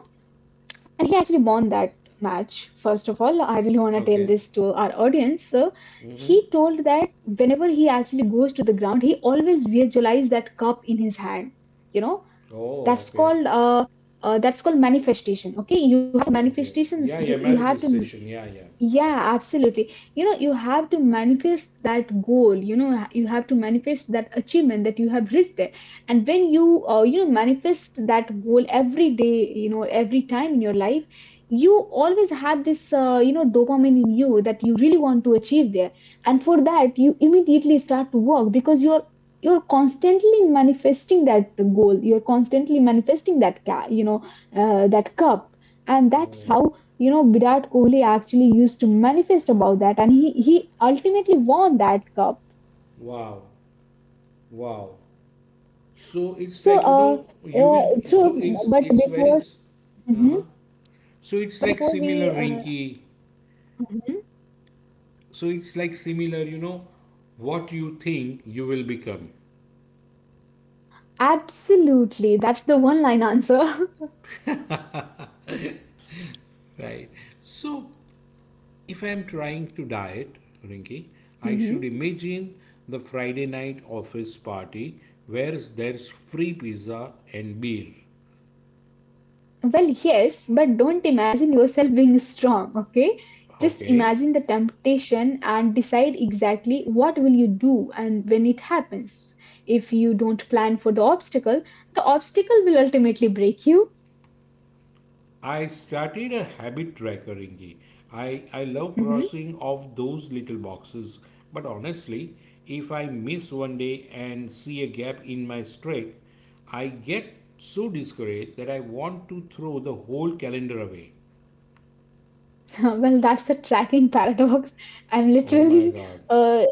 Speaker 1: he actually won that match. First of all, I really want to tell
Speaker 2: Okay.
Speaker 1: this to our audience. So
Speaker 2: Mm-hmm.
Speaker 1: he told that whenever he actually goes to the ground, he always visualizes that cup in his hand. You know,
Speaker 2: Oh,
Speaker 1: that's
Speaker 2: okay.
Speaker 1: called uh, that's called manifestation, okay? You have
Speaker 2: Yeah,
Speaker 1: to
Speaker 2: okay. Yeah,
Speaker 1: manifestation,
Speaker 2: yeah.
Speaker 1: you have
Speaker 2: Manifestation.
Speaker 1: to,
Speaker 2: Yeah, yeah.
Speaker 1: yeah, absolutely. You know, you have to manifest that goal. You know, you have to manifest that achievement that you have reached there. And when you you know manifest that goal every day, you know, every time in your life, you always have this you know dopamine in you that you really want to achieve there. And for that you immediately start to work, because you're constantly manifesting that goal, you're constantly manifesting that you know that cup, and that's how,
Speaker 2: Oh,
Speaker 1: you know, Virat Kohli actually used to manifest about that, and he ultimately won that cup.
Speaker 2: wow, wow. So it's
Speaker 1: So
Speaker 2: like, you know, you will, so
Speaker 1: through but
Speaker 2: it's very
Speaker 1: before Mhm.
Speaker 2: uh-huh. So it's like
Speaker 1: Before
Speaker 2: similar,
Speaker 1: we, uh,
Speaker 2: Rinky,
Speaker 1: mhm.
Speaker 2: so it's like similar, you know, what you think you will become,
Speaker 1: Absolutely, that's the one line answer.
Speaker 2: right? So if I am trying to diet, Rinky, I should
Speaker 1: Mhm.
Speaker 2: imagine the Friday night office party where there's free pizza and beer,
Speaker 1: Well, yes, but don't imagine yourself being strong, okay? Just
Speaker 2: okay.
Speaker 1: imagine the temptation and decide exactly what will you do and when it happens. If you don't plan for the obstacle will ultimately break you.
Speaker 2: I started a habit tracker, Ringy. I love
Speaker 1: Mhm.
Speaker 2: crossing off those little boxes, but honestly, if I miss one day and see a gap in my streak, I get so discouraged that I want to throw the whole calendar away.
Speaker 1: Well, that's a tracking paradox. I'm
Speaker 2: Oh my
Speaker 1: literally
Speaker 2: god.
Speaker 1: uh,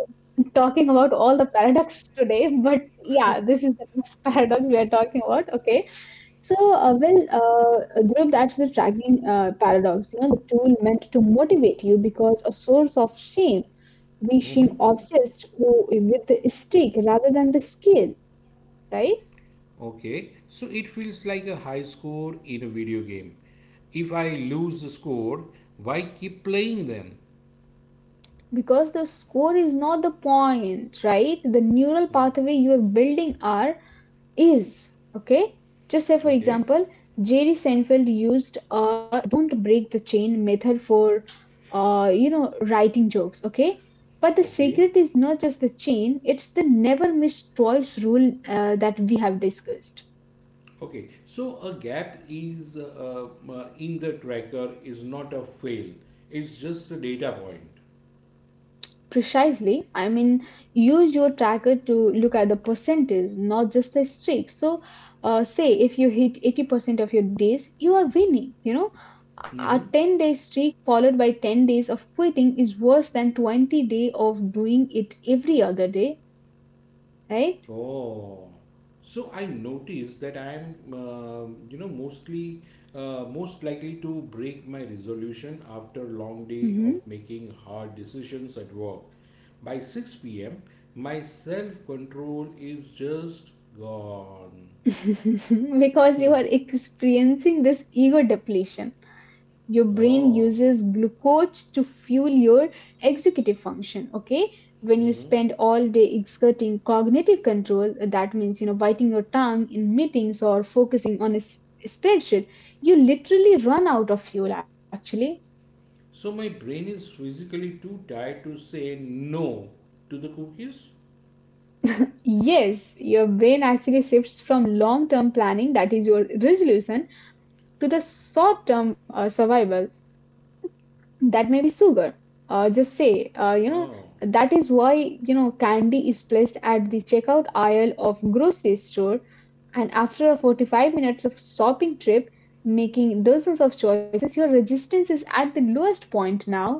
Speaker 1: talking about all the paradox today, but yeah, this is the next paradox we are talking about. Okay, so Dhruv, that's the tracking paradox. You know, the tool meant to motivate you because a source of shame. We seem
Speaker 2: Mm,
Speaker 1: obsessed with the stick rather than the scale, right?
Speaker 2: okay, so it feels like a high score in a video game. If I lose the score, why keep playing them?
Speaker 1: Because the score is not the point, right? The neural pathway you are building are is okay. Just say for
Speaker 2: Okay,
Speaker 1: example, Jerry Seinfeld used a don't break the chain method for you know writing jokes, okay? But the
Speaker 2: okay.
Speaker 1: secret is not just the chain, it's the never miss twice rule that we have discussed.
Speaker 2: Okay, so a gap is in the tracker is not a fail. It's just a data point.
Speaker 1: Precisely. I mean, use your tracker to look at the percentiles, not just the streak. So, say if you hit 80% of your days, you are winning. You know, a
Speaker 2: Mm-hmm.
Speaker 1: 10-day streak followed by 10 days of quitting is worse than 20 day of doing it every other day, right?
Speaker 2: Oh, so I noticed that I am, you know, mostly most likely to break my resolution after long day
Speaker 1: hmm
Speaker 2: of making hard decisions at work. By 6 p.m., my self control is just gone.
Speaker 1: because you are experiencing this ego depletion. Your brain
Speaker 2: Oh.
Speaker 1: uses glucose to fuel your executive function, okay? When you spend all day exerting cognitive control, that means, you know, biting your tongue in meetings or focusing on a spreadsheet, you literally run out of fuel actually.
Speaker 2: So my brain is physically too tired to say no to the cookies.
Speaker 1: Yes, your brain actually shifts from long term planning, that is your resolution, to the short term survival, that may be sugar. Just say, you know,
Speaker 2: Oh,
Speaker 1: that is why, candy is placed at the checkout aisle of grocery store, and after a 45 minutes of shopping trip, making dozens of choices, your resistance is at the lowest point now.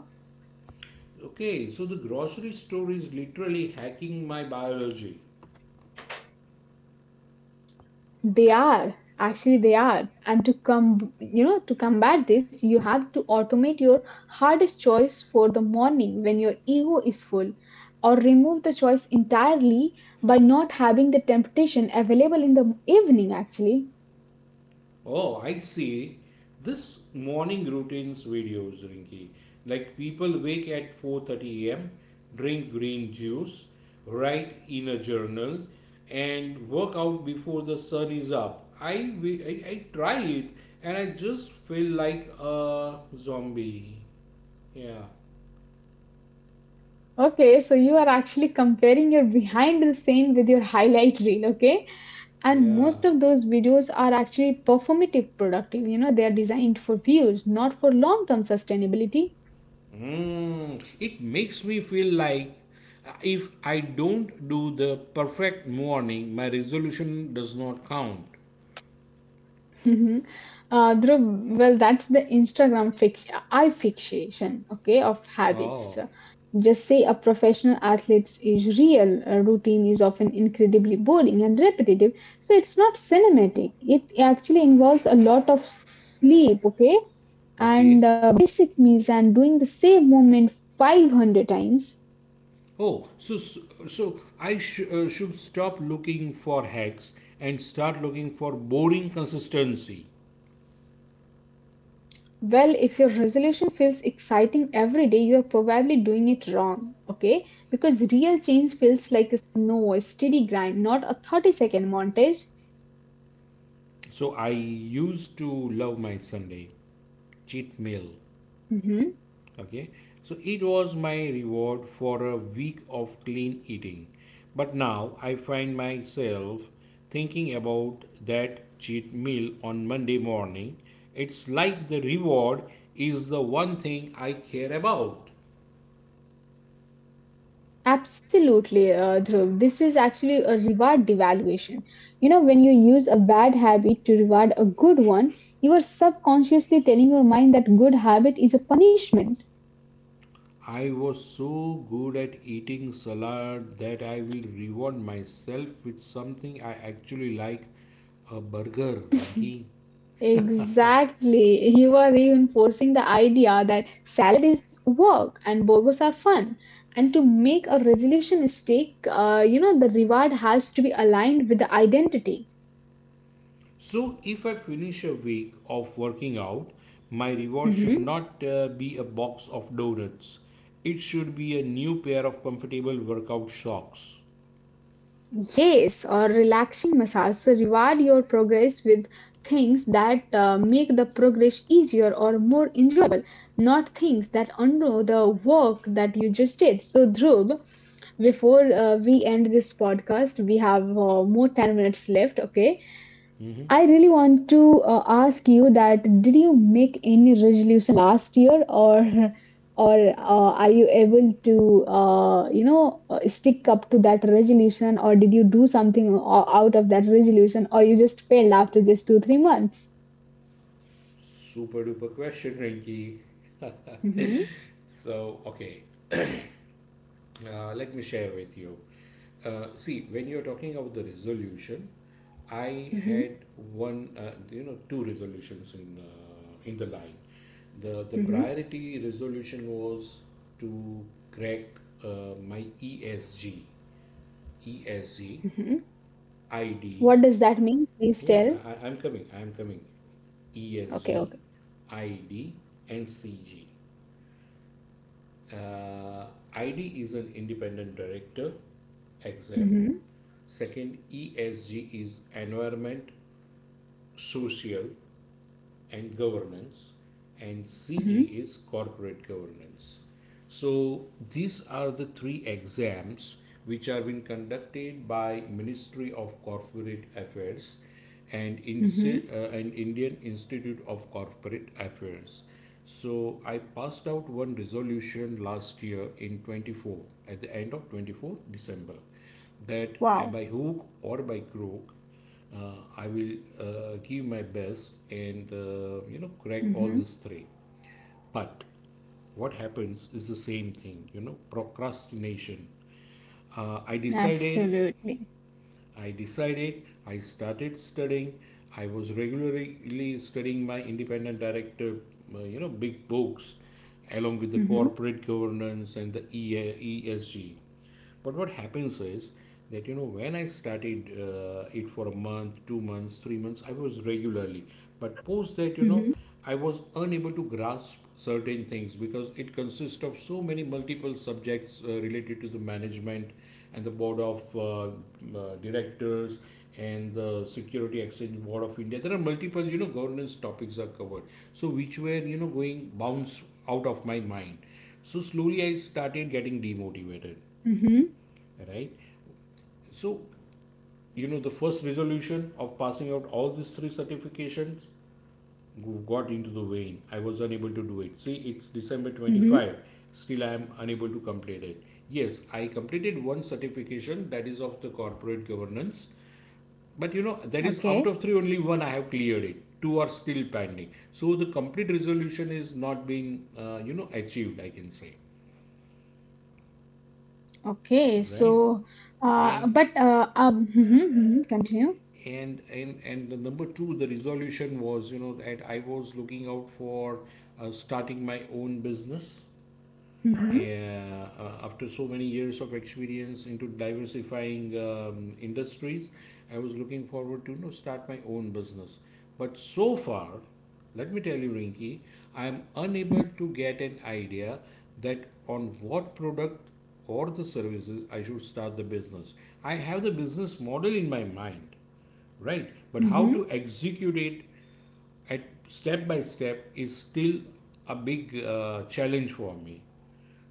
Speaker 2: okay. So the grocery store is literally hacking my biology.
Speaker 1: They are, and to combat this, you have to automate your hardest choice for the morning when your ego is full, or remove the choice entirely by not having the temptation available in the evening. Actually,
Speaker 2: Oh, I see. This morning routines videos, Rinki. Like people wake at 4:30 a.m., drink green juice, write in a journal, and work out before the sun is up. I try it, and I just feel like a zombie. Yeah,
Speaker 1: okay, so you are actually comparing your behind the scene with your highlight reel, okay? And
Speaker 2: yeah.
Speaker 1: most of those videos are actually performative productive. You know, they are designed for views, not for long term sustainability.
Speaker 2: Mm, it makes me feel like if I don't do the perfect morning, my resolution does not count.
Speaker 1: Mhm. Dhruv, well, that's the Instagram fixation, okay, of habits.
Speaker 2: Oh,
Speaker 1: Just say a professional athlete is real. A routine is often incredibly boring and repetitive, so it's not cinematic. It actually involves a lot of sleep, okay, and
Speaker 2: okay.
Speaker 1: uh, basic meals and doing the same movement 500 times.
Speaker 2: Oh, so I should stop looking for hacks and start looking for boring consistency.
Speaker 1: Well, if your resolution feels exciting every day, you're probably doing it wrong, okay? Because real change feels like a steady grind, not a 30-second montage.
Speaker 2: So I used to love my Sunday cheat meal,
Speaker 1: Mhm.
Speaker 2: okay, so it was my reward for a week of clean eating, but now I find myself thinking about that cheat meal on Monday morning. It's like the reward is the one thing I care about.
Speaker 1: Absolutely, Dhruv. This is actually a reward devaluation. You know, when you use a bad habit to reward a good one, you are subconsciously telling your mind that good habit is a punishment.
Speaker 2: I was so good at eating salad that I will reward myself with something I actually like, a burger, Rinky.
Speaker 1: Exactly. You are reinforcing the idea that salad is work and burgers are fun. And to make a resolution stick, the reward has to be aligned with the identity.
Speaker 2: So, if I finish a week of working out, my reward should
Speaker 1: Mm-hmm.
Speaker 2: not be a box of donuts. It should be a new pair of comfortable workout socks.
Speaker 1: Yes, or relaxing massage. So reward your progress with things that make the progress easier or more enjoyable, not things that undo the work that you just did. So Dhruv, before we end this podcast, we have more 10 minutes left. Okay. I really want to ask you that did you make any resolution last year or or are you able to stick up to that resolution or did you do something out of that resolution or you just failed after just 2 3 months?
Speaker 2: Super duper question, Rinky.
Speaker 1: Mm-hmm.
Speaker 2: So, okay. Let me share with you. See, when you're talking about the resolution, I
Speaker 1: Mm-hmm.
Speaker 2: had one, you know, two resolutions in the line. The
Speaker 1: Mm-hmm.
Speaker 2: priority resolution was to crack my ESG,
Speaker 1: Mm-hmm.
Speaker 2: ID.
Speaker 1: What does that mean? Please
Speaker 2: Yeah,
Speaker 1: tell.
Speaker 2: I'm coming. I'm coming.
Speaker 1: Okay,
Speaker 2: ESG,
Speaker 1: okay.
Speaker 2: ID, and CG. Uh, ID is an independent director exam.
Speaker 1: Mm-hmm.
Speaker 2: Second, ESG is environment, social, and governance, and CG
Speaker 1: Mm-hmm.
Speaker 2: is corporate governance. So these are the three exams which are being conducted by Ministry of Corporate Affairs and, Insti-
Speaker 1: Mm-hmm.
Speaker 2: and Indian Institute of Corporate Affairs. So I passed out one resolution last year in 24, at the end of 24 December, that by
Speaker 1: Wow.
Speaker 2: hook or by crook, I will give my best and, you know, crack all
Speaker 1: Mm-hmm.
Speaker 2: these three. But what happens is the same thing, you know, procrastination. Uh, I decided
Speaker 1: Absolutely.
Speaker 2: I started studying. I was regularly studying my independent director, you know, big books, along with the
Speaker 1: Mm-hmm.
Speaker 2: corporate governance and the ESG. But what happens is that, you know, when I started it for a month, 2 months, 3 months, I was regularly. But post that, you know,
Speaker 1: Mm-hmm.
Speaker 2: I was unable to grasp certain things because it consists of so many multiple subjects related to the management and the board of directors and the Security Exchange Board of India. There are multiple, you know, governance topics are covered. So which were, you know, going bounce out of my mind. So slowly I started getting demotivated,
Speaker 1: Mm-hmm.
Speaker 2: right? So, you know, the first resolution of passing out all these three certifications got into the vein. I was unable to do it. See, it's December
Speaker 1: Mm-hmm.
Speaker 2: 25. Still, I am unable to complete it. Yes, I completed one certification that is of the corporate governance. But you know, that is out
Speaker 1: Okay.
Speaker 2: of three, only one I have cleared it. Two are still pending. So the complete resolution is not being, you know, achieved. I can say,
Speaker 1: Okay,
Speaker 2: right?
Speaker 1: so,
Speaker 2: And
Speaker 1: but mhm, mhm, continue.
Speaker 2: and the number two, the resolution was, you know, that I was looking out for starting my own business
Speaker 1: Mhm,
Speaker 2: after so many years of experience into diversifying industries. I was looking forward to, you know, start my own business, but so far, let me tell you, Rinki, I am unable to get an idea that on what product or the services I should start the business. I have the business model in my mind, right, but how to
Speaker 1: mhm,
Speaker 2: execute it at step by step is still a big challenge for me.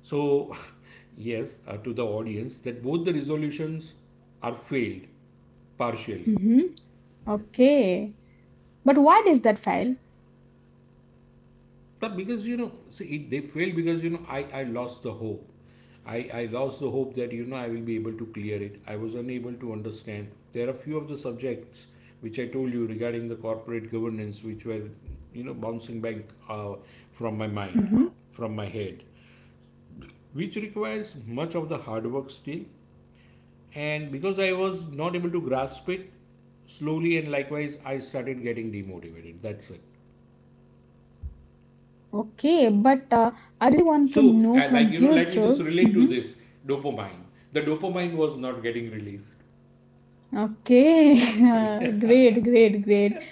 Speaker 2: So, yes, to the audience, that both the resolutions are failed partially.
Speaker 1: mhm. Okay, but why does that fail?
Speaker 2: But because, you know, see, it, they failed because, you know, I lost the hope. I lost the hope that, you know, I will be able to clear it. I was unable to understand. There are few of the subjects which I told you regarding the corporate governance which were, you know, bouncing back uh, from my mind,
Speaker 1: Mhm.
Speaker 2: from my head, which requires much of the hard work still. And because I was not able to grasp it, slowly and likewise, I started getting demotivated. That's it.
Speaker 1: Okay, but I really want
Speaker 2: So,
Speaker 1: to know
Speaker 2: like, you know,
Speaker 1: from
Speaker 2: let
Speaker 1: you,
Speaker 2: me just
Speaker 1: through.
Speaker 2: relate to this dopamine. The dopamine was not getting released.
Speaker 1: Okay, great, great, great.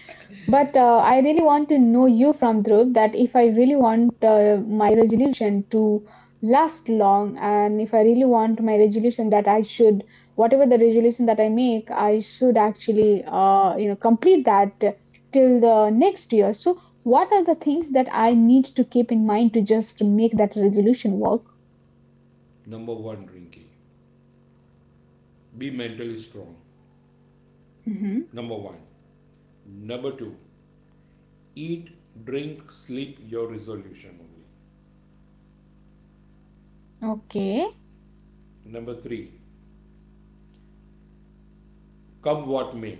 Speaker 1: But I really want to know you from Dhruv that if I really want my resolution to last long, and if I really want my resolution that I should, whatever the resolution that I make, I should actually, complete that till the next year. So, what are the things that I need to keep in mind to just make that resolution work?
Speaker 2: Number 1, Rinki, be mentally strong.
Speaker 1: Hmm.
Speaker 2: Number 1. Number 2, eat, drink, sleep your resolution only.
Speaker 1: Okay,
Speaker 2: Number 3, come what may,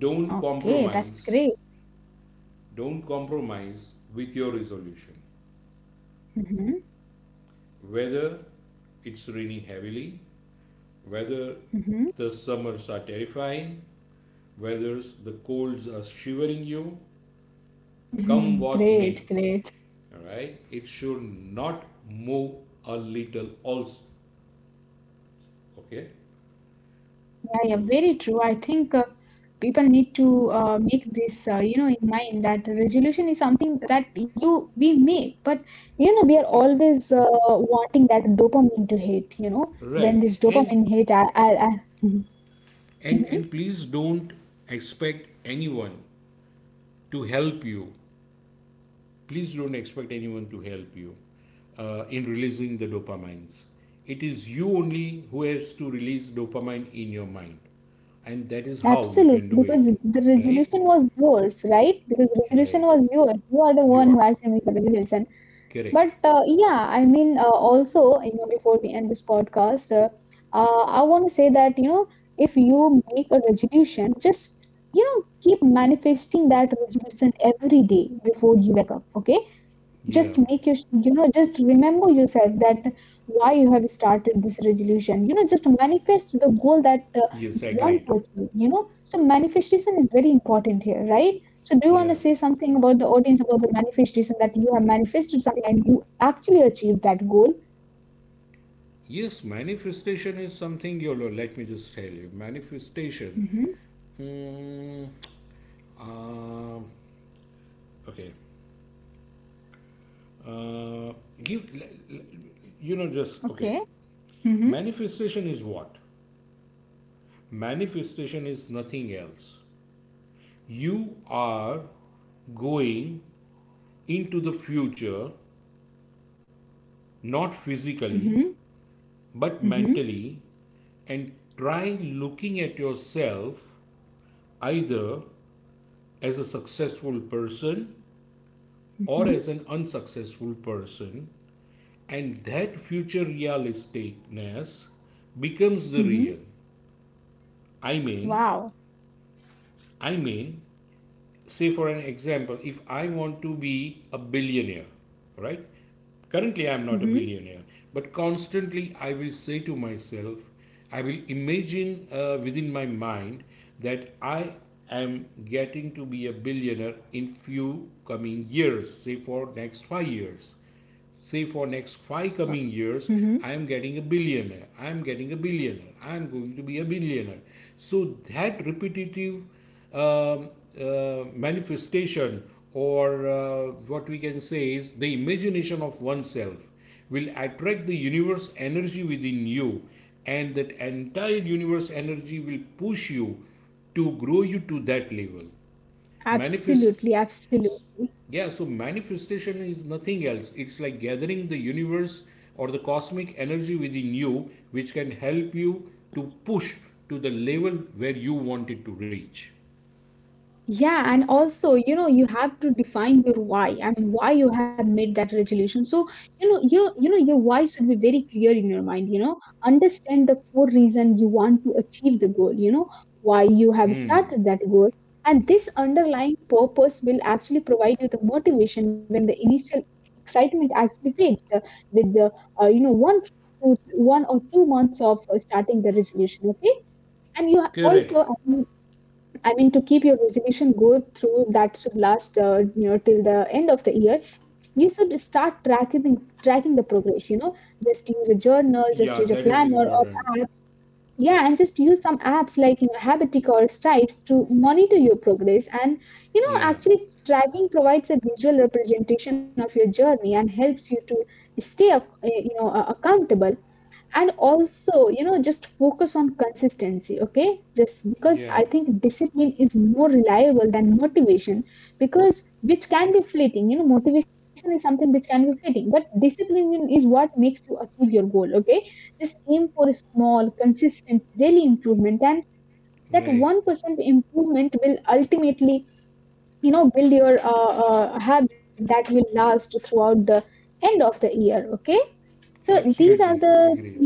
Speaker 2: don't
Speaker 1: okay, that's
Speaker 2: compromise.
Speaker 1: great.
Speaker 2: Don't compromise with your resolution.
Speaker 1: Hmm.
Speaker 2: Whether it's raining heavily, whether
Speaker 1: Hmm.
Speaker 2: the summers are terrifying, whether the colds are shivering you, come what
Speaker 1: Great,
Speaker 2: may,
Speaker 1: great.
Speaker 2: all right, it should not move a little also. Okay,
Speaker 1: Yeah, yeah,
Speaker 2: so
Speaker 1: very true. I think people need to make this, in mind that resolution is something that you we make, but you know, we are always wanting that dopamine to hit. You know, when
Speaker 2: right,
Speaker 1: this
Speaker 2: and
Speaker 1: dopamine hit, I Mhm.
Speaker 2: and
Speaker 1: Mhm.
Speaker 2: and please don't expect anyone to help you. Please don't expect anyone to help you in releasing the dopamines. It is you only who has to release dopamine in your mind, and that is how you can
Speaker 1: Absolutely,
Speaker 2: do
Speaker 1: because
Speaker 2: it,
Speaker 1: the
Speaker 2: right?
Speaker 1: resolution was yours, right? Because resolution
Speaker 2: Right.
Speaker 1: was yours. You are the one who
Speaker 2: Yours.
Speaker 1: actually made the resolution.
Speaker 2: Correct.
Speaker 1: But yeah, I mean, also, you know, before we end this podcast, I want to say that, you know, if you make a resolution, just, you know, keep manifesting that resolution every day before you wake up, okay?
Speaker 2: Yeah.
Speaker 1: Just make your you know just remember yourself that why you have started this resolution. You know, just manifest the goal that
Speaker 2: Yes,
Speaker 1: you want
Speaker 2: agreed.
Speaker 1: to achieve, you know. So manifestation is very important here, right? So do you want to
Speaker 2: Yeah.
Speaker 1: say something about the audience about the manifestation that you have manifested something and you actually achieved that goal?
Speaker 2: Yes, manifestation is something YOLO. Let me just tell you. Manifestation.
Speaker 1: Mm-hmm.
Speaker 2: Um okay. Uh, give, you know, just, okay.
Speaker 1: Okay. Mm-hmm.
Speaker 2: Manifestation is what? Manifestation is nothing else. You are going into the future, not physically,
Speaker 1: Mm-hmm.
Speaker 2: but
Speaker 1: Mm-hmm.
Speaker 2: mentally, and try looking at yourself either as a successful person or
Speaker 1: Mm-hmm.
Speaker 2: as an unsuccessful person, and that future realisticness becomes the
Speaker 1: Mm-hmm.
Speaker 2: real. I mean,
Speaker 1: Wow.
Speaker 2: I mean, say for an example, if I want to be a billionaire, right? Currently, I'm not a
Speaker 1: Mm-hmm.
Speaker 2: billionaire, but constantly I will say to myself, I will imagine within my mind that I am getting to be a billionaire in few coming years, say for next 5 years, say for next five
Speaker 1: Wow.
Speaker 2: coming years
Speaker 1: Mm-hmm.
Speaker 2: I am getting a billionaire, I am getting a billionaire, I am going to be a billionaire. So that repetitive um, manifestation or what we can say is the imagination of oneself will attract the universe energy within you, and that entire universe energy will push you to grow you to that level. Manifest.
Speaker 1: Absolutely, absolutely.
Speaker 2: Yeah, so manifestation is nothing else. It's like gathering the universe or the cosmic energy within you, which can help you to push to the level where you want it to reach.
Speaker 1: Yeah, and also, you know, you have to define your why and why you have made that resolution. So, you know, your why should be very clear in your mind, you know. Understand the core reason you want to achieve the goal, you know, why you have started that goal. And this underlying purpose will actually provide you the motivation when the initial excitement actually fades with the one to one or two months of starting the resolution, okay? And you
Speaker 2: Correct.
Speaker 1: also I mean, to keep your resolution go through that should last, till the end of the year, you should start tracking the progress. You know, just use a journal, just
Speaker 2: Yeah,
Speaker 1: use a
Speaker 2: that is
Speaker 1: planner or
Speaker 2: important.
Speaker 1: app. Yeah, and just use some apps like you know Habitic or Stripes to monitor your progress. And you know,
Speaker 2: Yeah,
Speaker 1: actually, tracking provides a visual representation of your journey and helps you to stay, accountable, and also you know just focus on consistency, okay? Just because
Speaker 2: yeah,
Speaker 1: I think discipline is more reliable than motivation, because which can be fleeting. You know, motivation is something which can be fleeting, but discipline is what makes you achieve your goal, okay? Just aim for a small consistent daily improvement, and that
Speaker 2: right.
Speaker 1: 1% improvement will ultimately you know build your habit that will last throughout the end of the year, okay? So these are the
Speaker 2: Absolutely
Speaker 1: thing,
Speaker 2: agreed.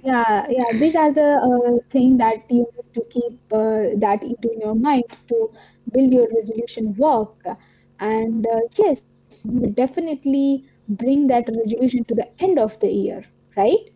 Speaker 1: yeah, yeah, these are the thing that you need to keep that into your mind to build your resolution work. And yes, you will definitely bring that resolution to the end of the year, right?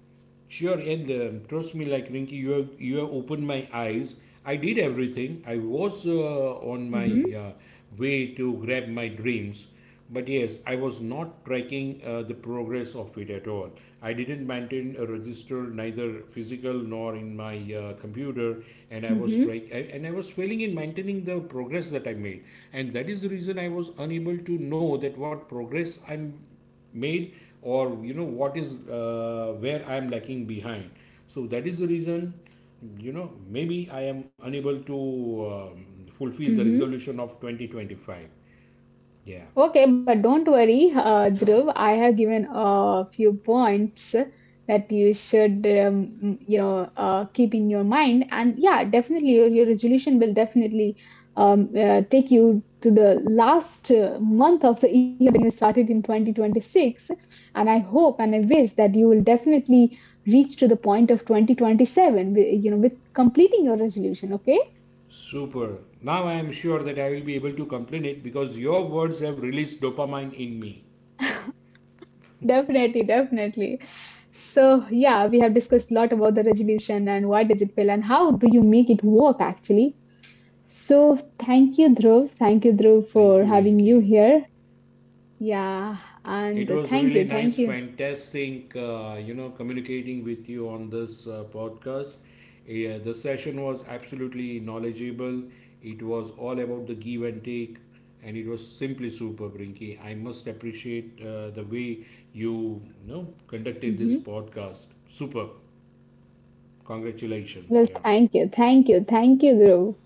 Speaker 2: Sure, and trust me, like Rinky, you have opened my eyes. I did everything. I was on my
Speaker 1: Mm-hmm.
Speaker 2: way to grab my dreams, but yes, I was not tracking the progress of it at all. I didn't maintain a register, neither physical nor in my computer, and I was
Speaker 1: Mm-hmm.
Speaker 2: track I- and I was failing in maintaining the progress that I made, and that is the reason I was unable to know that what progress I'm made, or you know what is, where I am lacking behind. So that is the reason, you know, maybe I am unable to fulfill the
Speaker 1: Mm-hmm.
Speaker 2: resolution of 2025. Yeah.
Speaker 1: Okay, but don't worry, Dhruv. I have given a few points that you should, keep in your mind. And yeah, definitely, your resolution will definitely take you to the last month of the year when you started in 2026. And I hope and I wish that you will definitely reach to the point of 2027, you know, with completing your resolution. Okay.
Speaker 2: Super. Now I am sure that I will be able to complete it because your words have released dopamine in me.
Speaker 1: Definitely, definitely. So, yeah, we have discussed a lot about the resolution and why does it fail, and how do you make it work actually. So, thank you, Dhruv. Thank you, Dhruv,
Speaker 2: Thank you,
Speaker 1: for having you
Speaker 2: Rinki.
Speaker 1: here. Yeah,
Speaker 2: It
Speaker 1: and
Speaker 2: was really
Speaker 1: thank you,
Speaker 2: nice,
Speaker 1: thank you.
Speaker 2: fantastic, you know, communicating with you on this podcast. Yeah, the session was absolutely knowledgeable. It was all about the give and take, and it was simply superb, Brinky. I must appreciate the way you, you know, conducted this
Speaker 1: Hmm.
Speaker 2: podcast. Super. Congratulations.
Speaker 1: Well,
Speaker 2: Yeah.
Speaker 1: thank you, thank you, thank you, Dhruv.